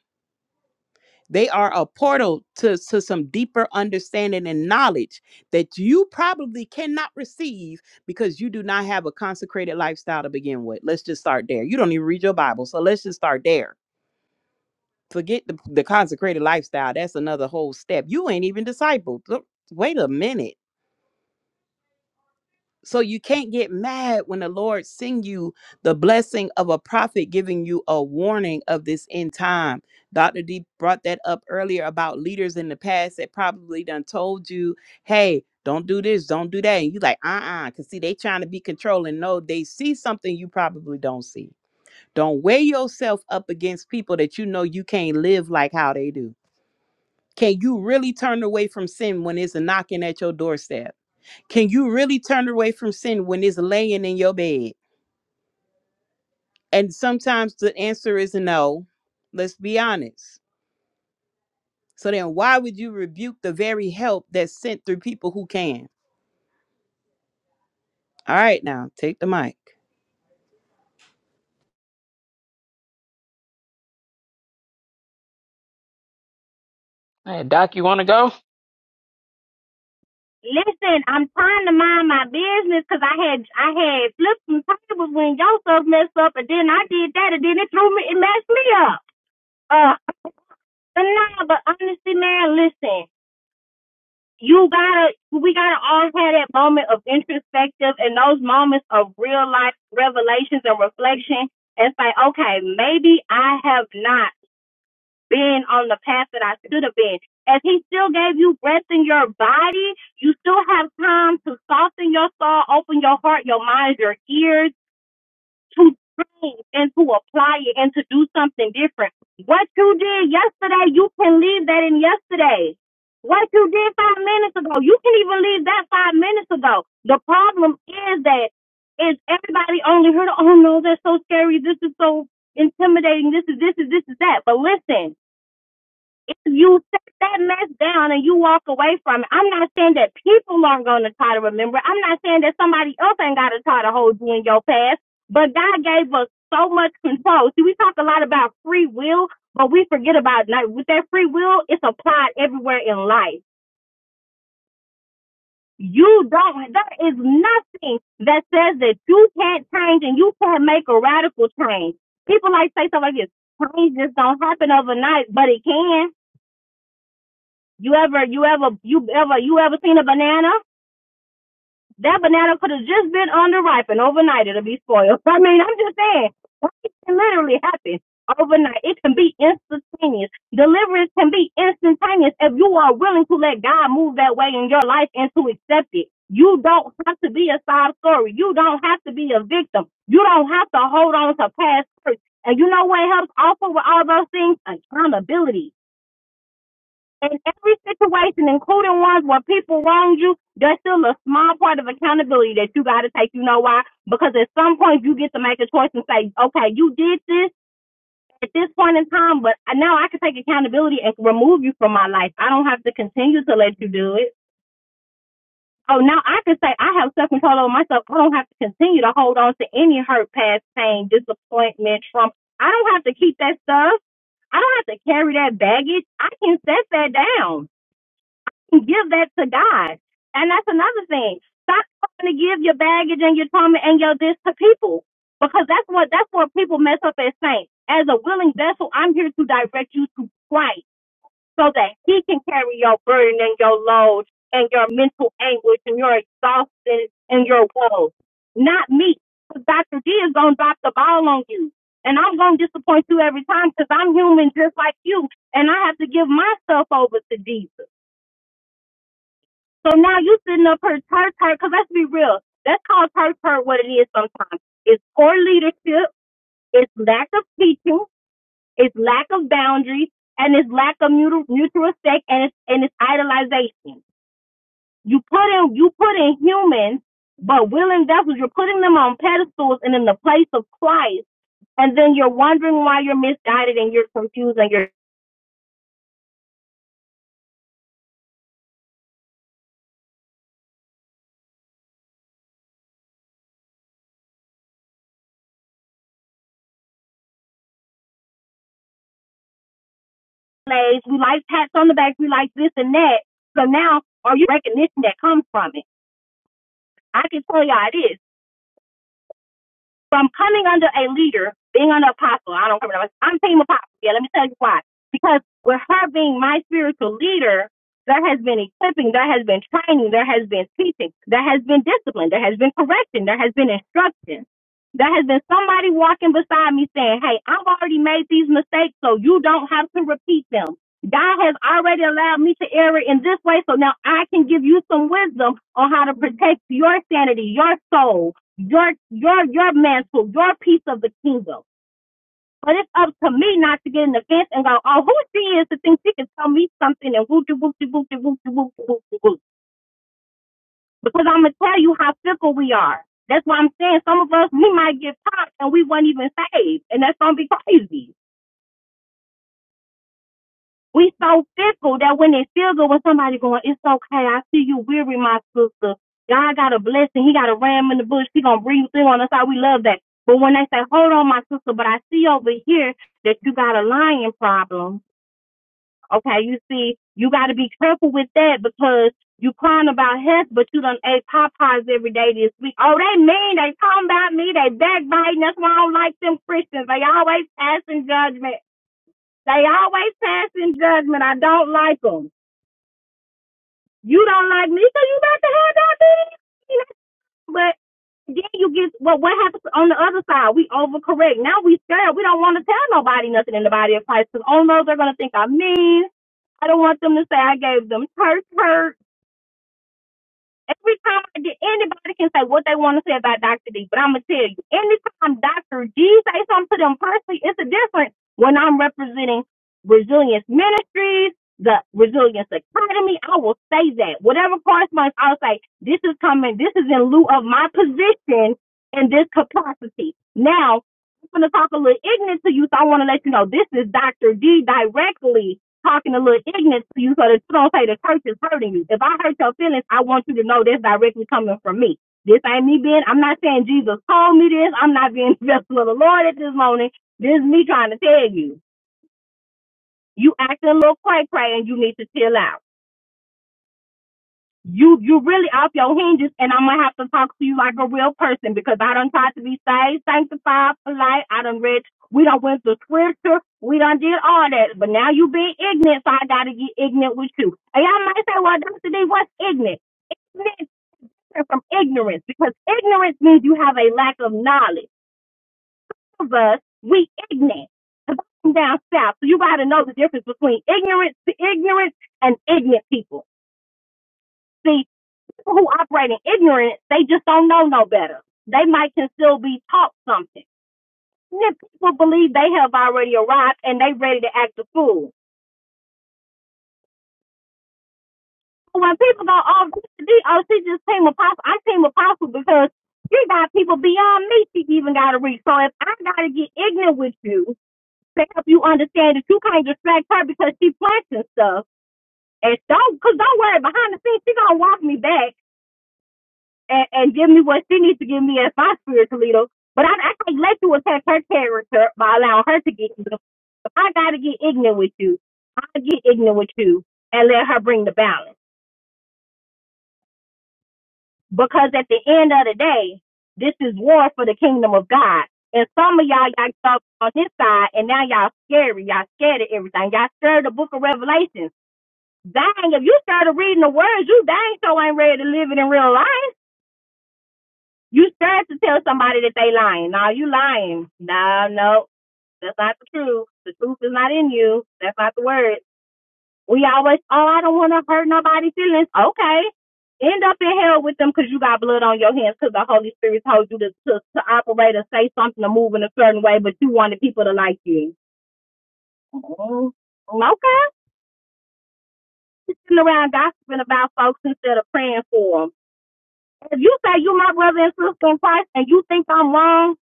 Speaker 1: they are a portal to, to some deeper understanding and knowledge that you probably cannot receive because you do not have a consecrated lifestyle to begin with. Let's just start there. You don't even read your Bible. So let's just start there Forget the, the consecrated lifestyle. That's another whole step. You ain't even discipled. Look, wait a minute. So you can't get mad when the Lord send you the blessing of a prophet giving you a warning of this end time. Dr. D brought that up earlier about leaders in the past that probably done told you, hey, don't do this, don't do that. And you like, uh-uh, because see, they trying to be controlling. No, they see something you probably don't see. Don't weigh yourself up against people that you know you can't live like how they do Can you really turn away from sin when it's knocking at your doorstep? Can you really turn away from sin when it's laying in your bed? And sometimes the answer is no. Let's be honest. So then, why would you rebuke the very help that's sent through people who can? All right, now take the mic.
Speaker 3: Hey, Doc, you wanna go?
Speaker 2: Listen, I'm trying to mind my business, cause I had I had flipped some tables when y'all stuff messed up, and then I did that, and then it threw me, it messed me up. Uh, but nah, but honestly, man, listen, you gotta, we gotta always have that moment of introspective, and those moments of real life revelations and reflection, and say, okay, maybe I have not been on the path that I should have been. As he still gave you breath in your body, you still have time to soften your soul, open your heart, your mind, your ears to change and to apply it and to do something different. What you did yesterday, you can leave that in yesterday. What you did five minutes ago, you can even leave that five minutes ago. The problem is that is everybody only heard, oh no, that's so scary. This is so intimidating. This is this is this is that. But listen, if you take that mess down and you walk away from it, I'm not saying that people aren't going to try to remember. I'm not saying that somebody else ain't got to try to hold you in your past. But God gave us so much control. See, we talk a lot about free will, but we forget about like, with that free will. It's applied everywhere in life. You don't. There is nothing that says that you can't change and you can't make a radical change. People like say stuff like this. Change just don't happen overnight, but it can. You ever, you ever, you ever, you ever seen a banana? That banana could have just been underripe and overnight it'll be spoiled. *laughs* I mean, I'm just saying, it can literally happen overnight. It can be instantaneous. Deliverance can be instantaneous if you are willing to let God move that way in your life and to accept it. You don't have to be a sob story. You don't have to be a victim. You don't have to hold on to past hurts. And you know what helps also with all those things? Accountability in every situation, including ones where people wronged you, there's still a small part of accountability that you got to take. You know why? Because at some point you get to make a choice and say, okay, you did this at this point in time, but now I can take accountability and remove you from my life. I don't have to continue to let you do it. Oh, now I can say I have self control over myself. I don't have to continue to hold on to any hurt, past pain, disappointment, trauma. I don't have to keep that stuff. I don't have to carry that baggage. I can set that down and give that to God. And that's another thing. Stop trying to give your baggage and your trauma and your this to people because that's what that's where people mess up as saints. As a willing vessel, I'm here to direct you to Christ so that He can carry your burden and your load and your mental anguish and your exhaustion and your woes, not me, because 'Cause Dr. D is gonna drop the ball on you, and I'm gonna disappoint you every time because I'm human just like you, and I have to give myself over to Jesus. So now you sitting up here tart tart, because let's be real. That's called tart tart what it is sometimes. It's poor leadership, it's lack of teaching, it's lack of boundaries, and it's lack of mutual, mutual respect, and it's, and it's idolization. You put in, you put in humans, but willing vessels, you're putting them on pedestals and in the place of Christ, and then you're wondering why you're misguided and you're confused and you're slaves. We like pats on the back, we like this and that. So now, are you recognition that comes from it? I can tell y'all it is. From coming under a leader, being under apostle, I don't remember. I'm team apostle. Yeah, let me tell you why. Because with her being my spiritual leader, there has been equipping, there has been training, there has been teaching, there has been discipline, there has been correction, there has been instruction. There has been somebody walking beside me saying, Hey, I've already made these mistakes, so you don't have to repeat them. God has already allowed me to err in this way, so now I can give you some wisdom on how to protect your sanity, your soul, your your your mantle, your piece of the kingdom. But it's up to me not to get in the fence and go, oh, who she is to think she can tell me something and whoop de whoop de whoop de whoop de whoop de whoop de whoop. Because I'm gonna tell you how fickle we are. That's why I'm saying some of us we might get popped and we will not even saved, and that's gonna be crazy. We so fickle that when it feels good, when somebody going, it's okay, I see you weary, my sister. God got a blessing. He got a ram in the bush. He gonna bring you through on us. How we love that. But when they say, hold on, my sister, but I see over here that you got a lying problem. Okay, you see, you got to be careful with that because you crying about health, but you done ate Popeyes every day this week. Oh, they mean. They talking about me. They backbiting. That's why I don't like them Christians. They always passing judgment. They always passing judgment. I don't like like them. You don't like me so you about to have that thing. You know, But then you get well, what happens on the other side? We overcorrect. Now we scared. We don't want to tell nobody nothing in the body of Christ because oh no, they're gonna think I'm mean. I don't want them to say I gave them church hurt. Every time I get anybody can say what they want to say about Dr. D, but I'm gonna tell you, anytime Dr. D say something to them personally, it's a difference when I'm representing Resilience Ministries, the Resilience Academy. I will say that. Whatever correspondence, I'll say, this is coming, this is in lieu of my position in this capacity. Now, I'm gonna talk a little ignorant to you, so I wanna let you know this is Dr. D directly talking a little ignorant to you so that you don't say the church is hurting you. If I hurt your feelings, I want you to know that's directly coming from me. This ain't me being, I'm not saying Jesus told me this. I'm not being *laughs* the vessel of the Lord at this moment. This is me trying to tell you. You acting a little cray cray and you need to chill out. you you really off your hinges and I'm gonna have to talk to you like a real person because I done tried to be saved, sanctified, polite, I done read we done went to scripture, we done did all that. But now you being ignorant, so I gotta get ignorant with you. And y'all might say, Well, Dr. D, what's ignorant? Ignorant is different from ignorance because ignorance means you have a lack of knowledge. Some of us, we ignorant. 'Cause I'm down south, so you gotta know the difference between ignorance to ignorance and ignorant people. See? people who operate in ignorance, they just don't know no better. They might can still be taught something. And Then people believe they have already arrived and they ready to act a fool. When people go, oh, she- oh, she just team apostle, I team apostle because you got people beyond me she even got to reach. So if I got to get ignorant with you to help you understand that you can't distract her because she planting stuff, and don't, cause don't worry, behind the scenes she gonna walk me back and, and give me what she needs to give me as my spiritual leader. But I, I can't let you attack her character by allowing her to get ignorant. If I got to get ignorant with you, I get ignorant with you and let her bring the balance. Because at the end of the day, this is war for the kingdom of God. And some of y'all, y'all stuck on this side, and now y'all scary. Y'all scared of everything. Y'all scared of the book of Revelations. Dang, if you started reading the words, you dang so ain't ready to live it in real life. You start to tell somebody that they lying. No, you lying. No, no, that's not the truth. The truth is not in you. That's not the word. We always, oh, I don't want to hurt nobody's feelings. Okay. End up in hell with them because you got blood on your hands because the Holy Spirit told you to, to, to operate or say something or move in a certain way, but you wanted people to like you. mm Okay. You're Sitting around gossiping about folks instead of praying for them. If you say you my brother and sister in Christ and you think I'm wrong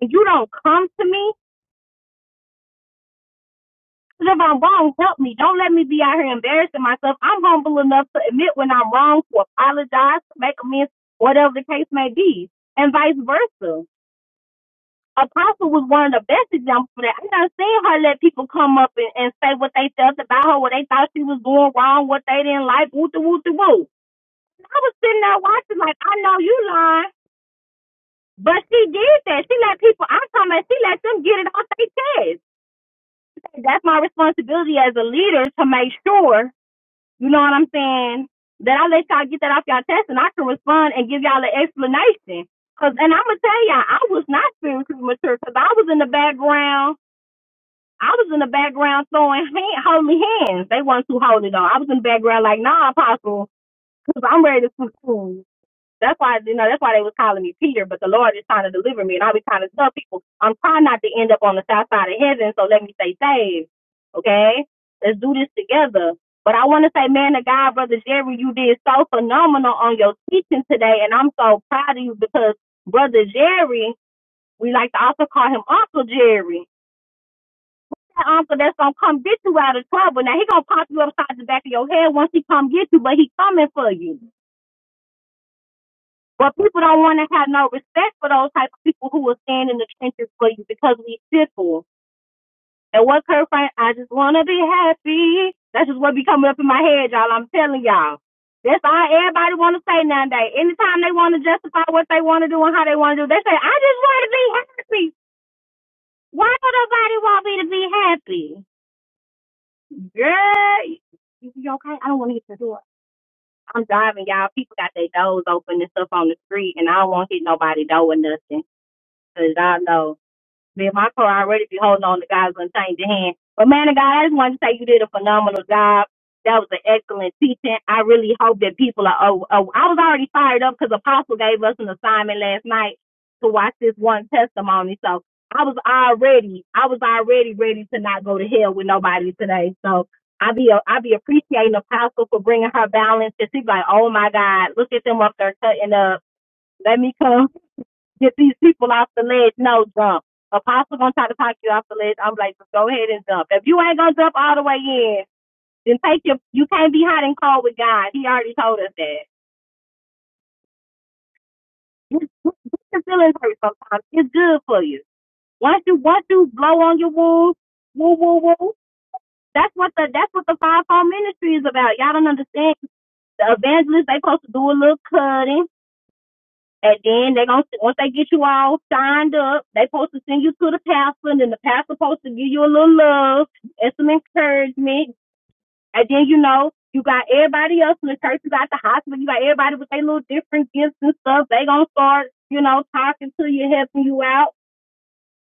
Speaker 2: and you don't come to me Javon, Bone, help me. Don't let me be out here embarrassing myself. I'm humble enough to admit when I'm wrong, to apologize, to make amends, whatever the case may be, and vice versa. Apostle was one of the best examples for that. I am not seeing her let people come up and, and say what they felt about her, what they thought she was doing wrong, what they didn't like, woo the woo the woo. I was sitting there watching like, I know you lying, but she did that. She let people, I'm talking about she let them get it off their chest. That's my responsibility as a leader to make sure You know what I'm saying? That I let y'all get that off y'all test and I can respond and give y'all an explanation. Cause, and I'm gonna tell y'all, I was not spiritually mature because I was in the background. I was in the background throwing hand, holy hands. They weren't too holy though. I was in the background like, nah, apostle, because I'm ready to school. That's why you know that's why they was calling me Peter, but the Lord is trying to deliver me, and I be trying to tell people I'm trying not to end up on the south side of heaven, so let me stay saved. Okay, let's do this together. But I want to say, man, to God, brother Jerry, you did so phenomenal on your teaching today, and I'm so proud of you because brother Jerry, we like to also call him Uncle Jerry. That uncle that's gonna come get you out of trouble. Now he gonna pop you upside the back of your head once he come get you, but he coming for you. But people don't want to have no respect for those type of people who will stand in the trenches for you because we sit for 'em. And what Kurt Frank, I just want to be happy. That's just what be coming up in my head, y'all. I'm telling y'all. That's all everybody want to say nowadays. Anytime they want to justify what they want to do and how they want to do, they say, I just want to be happy. Why do nobody want me to be happy? Girl, you you okay? I don't want to hit the door. I'm driving, y'all. People got their doors open and stuff on the street, and I don't want to hit nobody door or nothing. Cause y'all know be my car, I'd already be holding on to God's unchanging hand. But man of God, I just wanted to say you did a phenomenal job. That was an excellent teaching. I really hope that people are. Oh, oh I was already fired up because Apostle gave us an assignment last night to watch this one testimony. So I was already, I was already ready to not go to hell with nobody today. So I be, I be appreciating Apostle for bringing her balance. And she's like, oh my God, look at them up there cutting up. Let me come get these people off the ledge. No, jump. Apostle gonna try to talk you off the ledge. I'm like, just go ahead and jump. If you ain't gonna jump all the way in, then take your. You can't be hot and cold with God. He already told us that. Get your feelings hurt sometimes. It's good for you. Once you once you blow on your wounds, woo woo woo. That's what the that's what the five home ministry is about. Y'all don't understand. The evangelists they supposed to do a little cutting And then they gonna once they get you all signed up, they supposed to send you to the pastor, and then the pastor supposed to give you a little love and some encouragement. And then you know you got everybody else in the church, you got the hospital, you got everybody with their little different gifts and stuff. They gonna start you know talking to you, helping you out.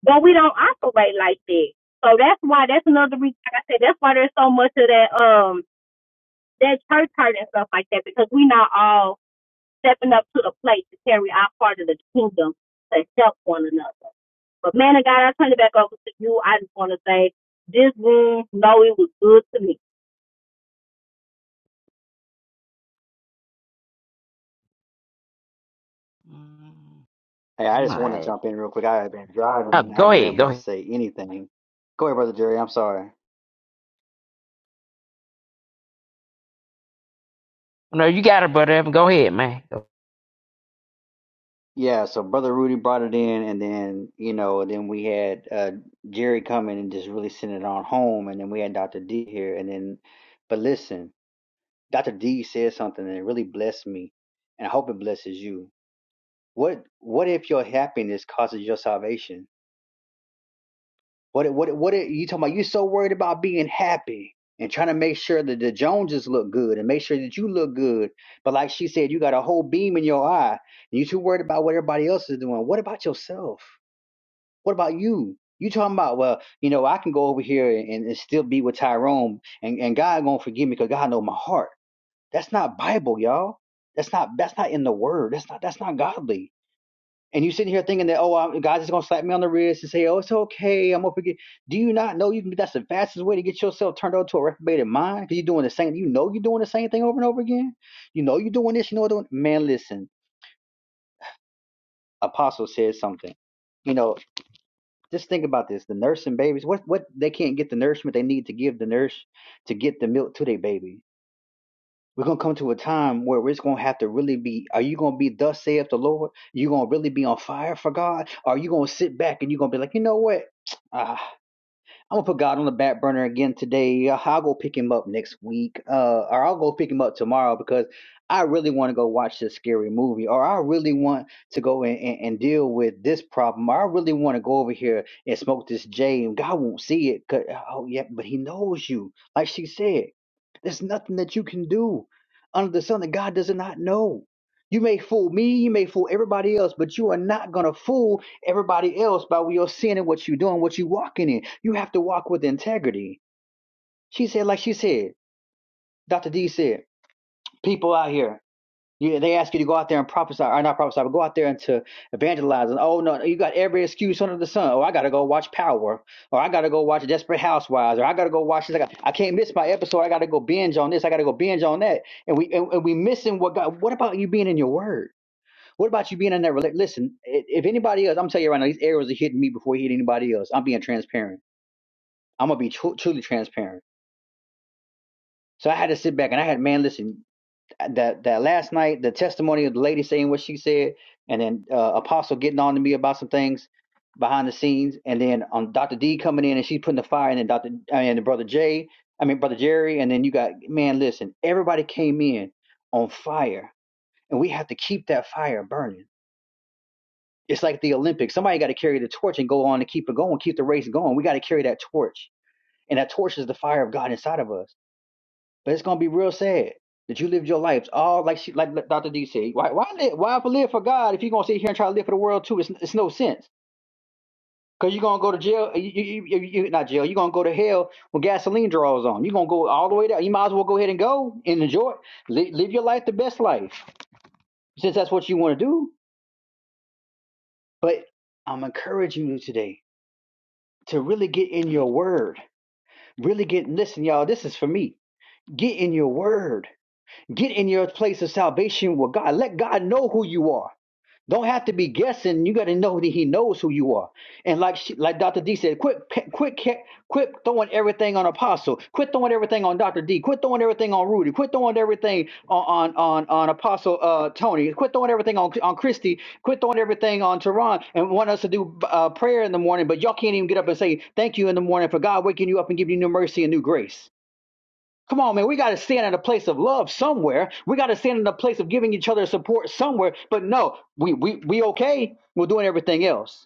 Speaker 2: But we don't operate like that. So that's why that's another reason. Like I said, that's why there's so much of that um that church hurt and stuff like that because we not all stepping up to the plate to carry our part of the kingdom to help one another. But man of God, I turn it back over to you. I just want to say this room, no, it was good to me.
Speaker 3: Mm,
Speaker 6: Hey, I
Speaker 3: All
Speaker 6: just want to
Speaker 3: right.
Speaker 6: jump in real quick. I have been driving
Speaker 3: Oh,
Speaker 6: and I
Speaker 3: go
Speaker 6: haven't been
Speaker 3: ahead.
Speaker 6: able
Speaker 3: Go
Speaker 6: to
Speaker 3: ahead.
Speaker 6: say anything. Go ahead, Brother Jerry. I'm sorry.
Speaker 3: No, you got it, brother. Evan. Go ahead, man. Go.
Speaker 6: Yeah, so Brother Rudy brought it in, and then, you know, then we had uh, Jerry come in and just really send it on home, and then we had Dr. D here, and then, but listen, Dr. D said something that really blessed me, and I hope it blesses you. What What if your happiness causes your salvation? What what what are you talking about? You're so worried about being happy and trying to make sure that the Joneses look good and make sure that you look good. But like she said, you got a whole beam in your eye. And you too worried about what everybody else is doing. What about yourself? What about you? You talking about well, you know, I can go over here and, and still be with Tyrone, and, and God gonna forgive me because God know my heart. That's not Bible, y'all. That's not that's not in the Word. That's not that's not godly and you sitting here thinking that oh I'm, God's just gonna slap me on the wrist and say oh it's okay I'm gonna forget. Do you not know you can that's the fastest way to get yourself turned over to a reprobated mind because you're doing the same. You know you're doing the same thing over and over again. You know you're doing this. You know what doing. Man, listen. Apostle said something. You know, just think about this. The nursing babies, what what they can't get the nourishment they need to give the nurse to get the milk to their baby We're gonna come to a time where it's gonna have to really be. Are you gonna be thus saith the Lord? You gonna really be on fire for God? Or are you gonna sit back and you gonna be like, you know what? Ah. I'm gonna put God on the back burner again today. Uh, I'll go pick him up next week, uh, or I'll go pick him up tomorrow because I really want to go watch this scary movie, or I really want to go and, and, and deal with this problem, or I really want to go over here and smoke this J, and God won't see it. 'cause- oh yeah, but He knows you. Like she said, there's nothing that you can do under the sun that God does not know. You may fool me, you may fool everybody else, but you are not gonna fool everybody else by your sin and what you're doing, what you walking in. You have to walk with integrity. She said, like she said, Dr. D said, people out here, you, they ask you to go out there and prophesy, or not prophesy, but go out there and to evangelize. And oh no, you got every excuse under the sun. Oh, I gotta go watch Power, or I gotta go watch Desperate Housewives, or I gotta go watch this. I, got, I can't miss my episode. I gotta go binge on this. I gotta go binge on that. And we and, and we missing what God. What about you being in your Word? What about you being in that relationship? Listen, if anybody else, I'm telling you right now, these arrows are hitting me before he hit anybody else. I'm being transparent. I'm gonna be tru- truly transparent. So I had to sit back and I had, man, listen, that that last night, the testimony of the lady saying what she said, and then uh, Apostle getting on to me about some things behind the scenes, and then um, Dr. D coming in and she's putting the fire, and then Dr. and Brother Jay, I mean Brother Jerry, and then you got man, listen, everybody came in on fire, and we have to keep that fire burning It's like the Olympics. Somebody got to carry the torch and go on to keep it going, keep the race going. We got to carry that torch. And that torch is the fire of God inside of us. But it's going to be real sad that you lived your lives all like she, like Dr. D said. Why why live, why ever live for God if you're going to sit here and try to live for the world too? It's, it's no sense. Because you're going to go to jail, you, you, you, you, not jail, you're going to go to hell when gasoline draws on. You're going to go all the way down. You might as well go ahead and go and enjoy it. Li- live your life the best life since that's what you want to do. But I'm encouraging you today to really get in your word. Really get, listen, y'all, this is for me. Get in your word. Get in your place of salvation with God. Let God know who you are. Don't have to be guessing. You got to know that he knows who you are. And like she, like Dr. D said, quit pe- quit ca- quit throwing everything on Apostle. Quit throwing everything on Dr. D. Quit throwing everything on Rudy. Quit throwing everything on on on, on Apostle uh, Tony. Quit throwing everything on on Christy. Quit throwing everything on Teron and want us to do uh, prayer in the morning, but y'all can't even get up and say thank you in the morning for God waking you up and giving you new mercy and new grace. Come on, man. We got to stand in a place of love somewhere. We got to stand in a place of giving each other support somewhere. But no, we we we okay. We're doing everything else.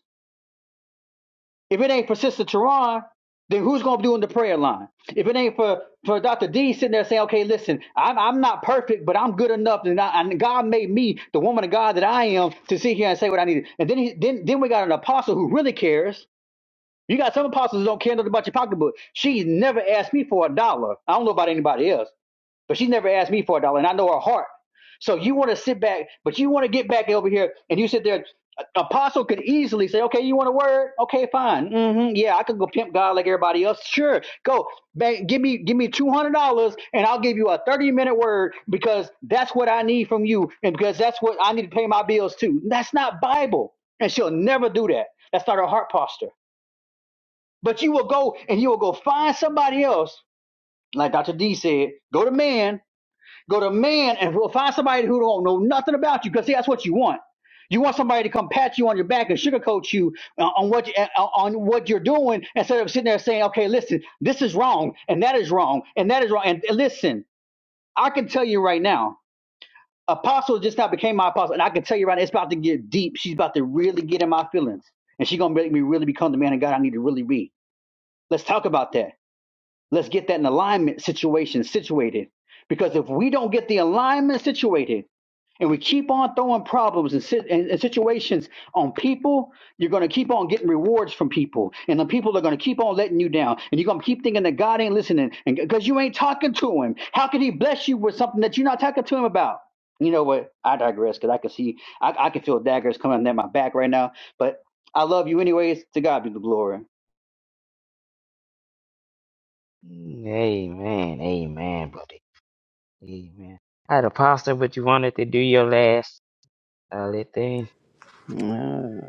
Speaker 6: If it ain't for Sister Teron, then who's gonna be doing the prayer line? If it ain't for for Dr. D sitting there saying, okay, listen, I'm I'm not perfect, but I'm good enough, and, I, and God made me the woman of God that I am to sit here and say what I needed. And then he, then then we got an apostle who really cares. You got some apostles who don't care nothing about your pocketbook. She never asked me for a dollar. I don't know about anybody else but she never asked me for a dollar, and I know her heart. So you want to sit back, but you want to get back over here, and you sit there. Apostle could easily say, "Okay, you want a word? Okay, fine. hmm yeah, I could go pimp God like everybody else. Sure, go. Man, give me give me two hundred dollars, and I'll give you a thirty minute word because that's what I need from you, and because that's what I need to pay my bills too. That's not Bible, and she'll never do that. That's not her heart posture. But you will go and you will go find somebody else, like Dr. D said, go to man Go to man and we'll find somebody who don't know nothing about you because see, that's what you want. You want somebody to come pat you on your back and sugarcoat you uh, on what you, uh, on what you're doing instead of sitting there saying, "Okay, listen, this is wrong and that is wrong and that is wrong." And listen, I can tell you right now, Apostle just now became my apostle, and I can tell you right now, it's about to get deep. She's about to really get in my feelings, and she's gonna make me really become the man of God I need to really be. Let's talk about that. Let's get that in alignment situation situated, because if we don't get the alignment situated and we keep on throwing problems and, sit, and, and situations on people, you're going to keep on getting rewards from people. And the people are going to keep on letting you down. And you're going to keep thinking that God ain't listening and because you ain't talking to him. How can he bless you with something that you're not talking to him about? You know what? I digress because I can see, I, I can feel daggers coming down my back right now. But I love you anyways. To God be the glory.
Speaker 3: Mm, Amen. Amen, buddy. Amen. I had a pastor, but you wanted to do your last uh, little thing.
Speaker 1: Uh,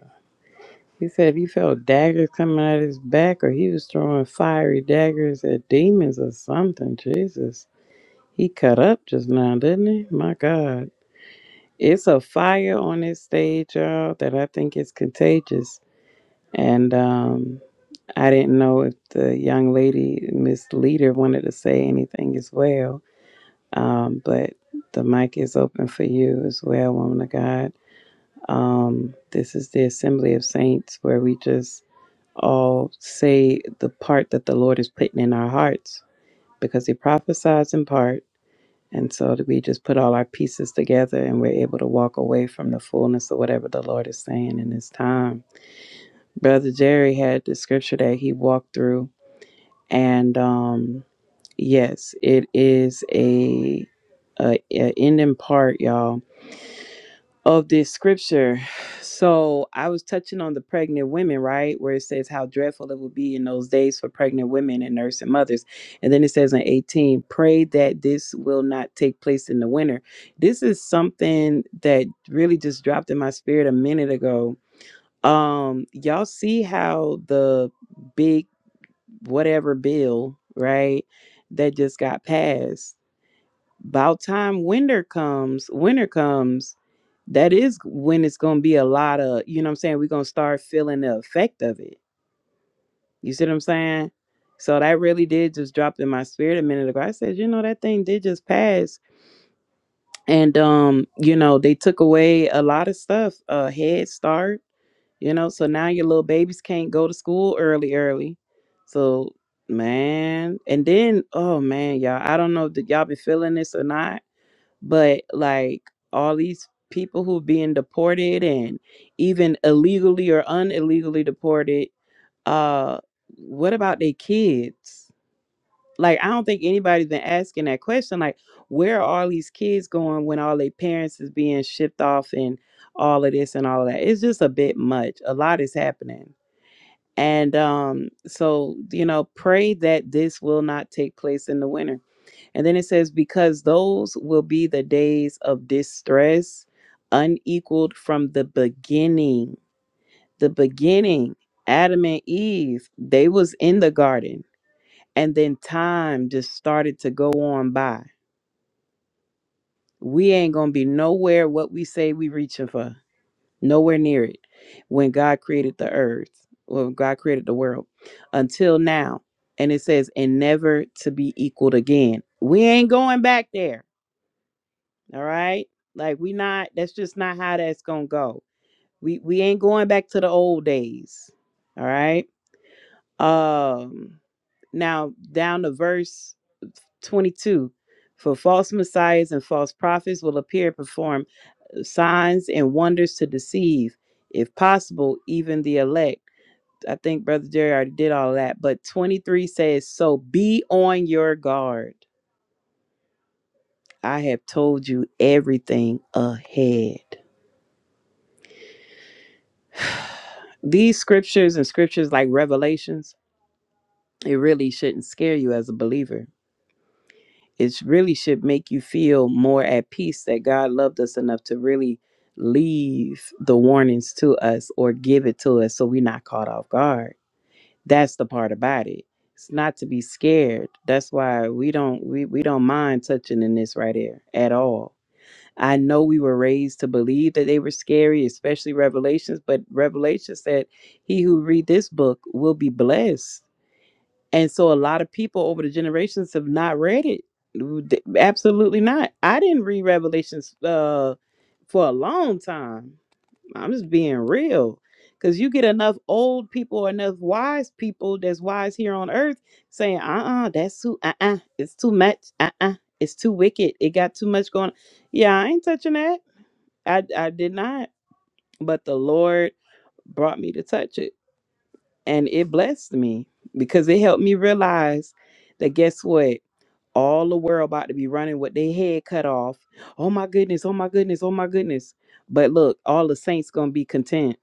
Speaker 1: he said if he felt daggers coming out his back, or he was throwing fiery daggers at demons or something. Jesus, he cut up just now, didn't he? My God. It's a fire on this stage, y'all, that I think is contagious. And um, I didn't know if the young lady, Miss Leader, wanted to say anything as well. Um, but the mic is open for you as well, woman of God. Um, this is the Assembly of Saints where we just all say the part that the Lord is putting in our hearts because He prophesies in part and so that we just put all our pieces together and we're able to walk away from the fullness of whatever the Lord is saying in this time. Brother Jerry had the scripture that he walked through. And um, yes, it is a, a, a end part, y'all of this scripture. So I was touching on the pregnant women, right? Where it says how dreadful it would be in those days for pregnant women and nursing mothers. And then it says in 18, pray that this will not take place in the winter. This is something that really just dropped in my spirit a minute ago. Um, y'all see how the big whatever bill, right, that just got passed about time winter comes, winter comes, that is when it's going to be a lot of, you know what I'm saying? We're going to start feeling the effect of it. You see what I'm saying? So that really did just drop in my spirit a minute ago. I said, you know, that thing did just pass. And, um, you know, they took away a lot of stuff, uh, Head Start, you know, so now your little babies can't go to school early, early. So, man. And then, oh, man, y'all, I don't know if y'all been feeling this or not but like all these people who are being deported and even illegally or unillegally deported uh what about their kids like i don't think anybody's been asking that question like where are all these kids going when all their parents is being shipped off and all of this and all of that it's just a bit much a lot is happening and um so you know pray that this will not take place in the winter and then it says, because those will be the days of distress, unequaled from the beginning. The beginning, Adam and Eve, they was in the garden. And then time just started to go on by. We ain't gonna be nowhere what we say we reaching for, nowhere near it. When God created the earth, when God created the world, until now. And it says, and never to be equaled again. We ain't going back there All right. Like we not that's just not how that's gonna go. We we ain't going back to the old days. All right. Um now down to verse 22. For false messiahs and false prophets will appear and perform signs and wonders to deceive, if possible, even the elect. I think Brother Jerry already did all that. But 23 says, So be on your guard. I have told you everything ahead. these scriptures and scriptures like revelations it really shouldn't scare you as a believer it really should make you feel more at peace that god loved us enough to really leave the warnings to us or give it to us so we're not caught off guard that's the part about it it's not to be scared that's why we don't we, we don't mind touching in this right here at all I know we were raised to believe that they were scary, especially Revelations, but Revelation said, He who read this book will be blessed. And so a lot of people over the generations have not read it. D- Absolutely not. I didn't read Revelations uh, for a long time. I'm just being real. Because you get enough old people, enough wise people that's wise here on earth saying, uh uh that's too, uh uh, it's too much, uh uh, it's too wicked, it got too much going Yeah, I ain't touching that. I I did not, but the Lord brought me to touch it and it blessed me because it helped me realize that guess what? All the world about to be running with their head cut off. Oh my goodness, oh my goodness, oh my goodness. But look, all the saints gonna be content.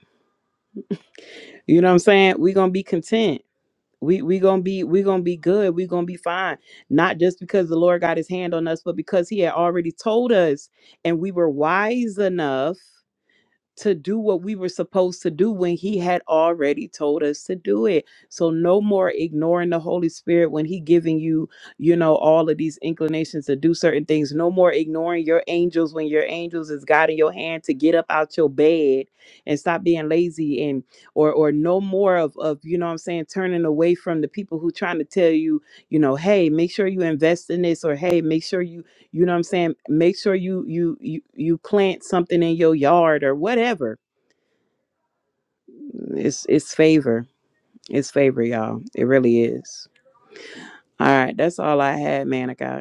Speaker 1: You know what I'm saying? we gonna be content. We we gonna be we gonna be good. we gonna be fine. Not just because the Lord got his hand on us, but because he had already told us and we were wise enough to do what we were supposed to do when he had already told us to do it so no more ignoring the holy spirit when he giving you you know all of these inclinations to do certain things no more ignoring your angels when your angels is guiding your hand to get up out your bed and stop being lazy and or or no more of of you know what i'm saying turning away from the people who trying to tell you you know hey make sure you invest in this or hey make sure you you know what i'm saying make sure you you you, you plant something in your yard or whatever it's it's favor it's favor y'all it really is all right that's all i had man i got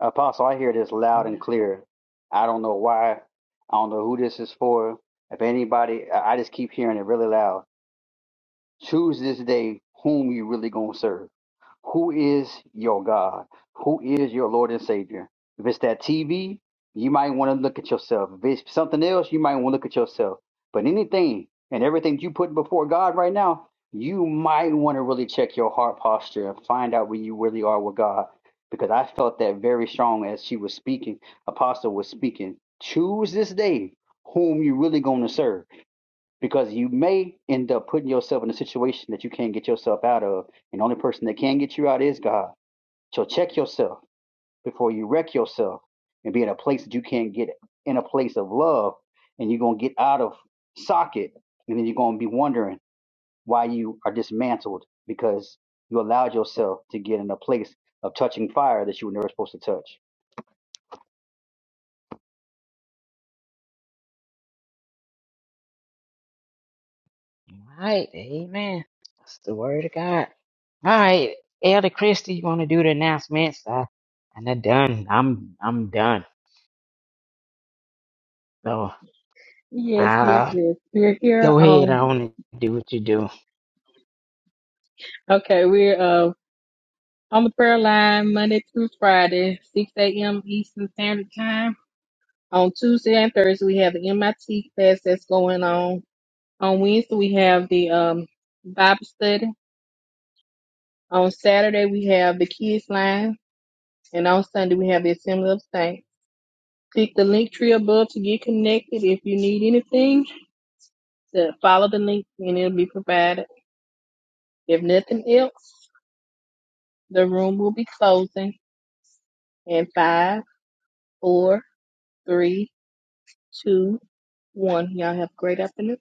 Speaker 6: Apostle, I hear this loud
Speaker 3: All
Speaker 6: and clear. I don't know why. I don't know who this is for. If anybody, I I just keep hearing it really loud. Choose this day whom you really going to serve. Who is your God? Who is your Lord and Savior? If it's that TV, you might want to look at yourself. If it's something else, you might want to look at yourself. But anything and everything you put before God right now, you might want to really check your heart posture and find out where you really are with God. Because I felt that very strong as she was speaking, Apostle was speaking. Choose this day whom you really going to serve because you may end up putting yourself in a situation that you can't get yourself out of. And the only person that can get you out is God. So check yourself before you wreck yourself and be in a place that you can't get in a place of love. And you're going to get out of socket. And then you're going to be wondering why you are dismantled because you allowed yourself to get in a place of touching fire that you were never supposed to touch.
Speaker 3: right. Amen. That's the word of God. All right, Elder Christie, you want to do the announcements? I, and I'm done. I'm I'm done. So
Speaker 5: Yes, yes,
Speaker 3: uh,
Speaker 5: yes. We're here
Speaker 3: go ahead
Speaker 5: on,
Speaker 3: on and do what you do.
Speaker 5: okay, we're uh, on the prayer line Monday through Friday, 6 a.m. Eastern Standard Time. On Tuesday and Thursday, we have the MIT class that's going on. On Wednesday, we have the um, Bible study. On Saturday, we have the kids line. And on Sunday, we have the Assembly of Saints. Click the link tree above to get connected if you need anything. to follow the link and it'll be provided. If nothing else, the room will be closing in five, four, three, two, one. Y'all have a great afternoon.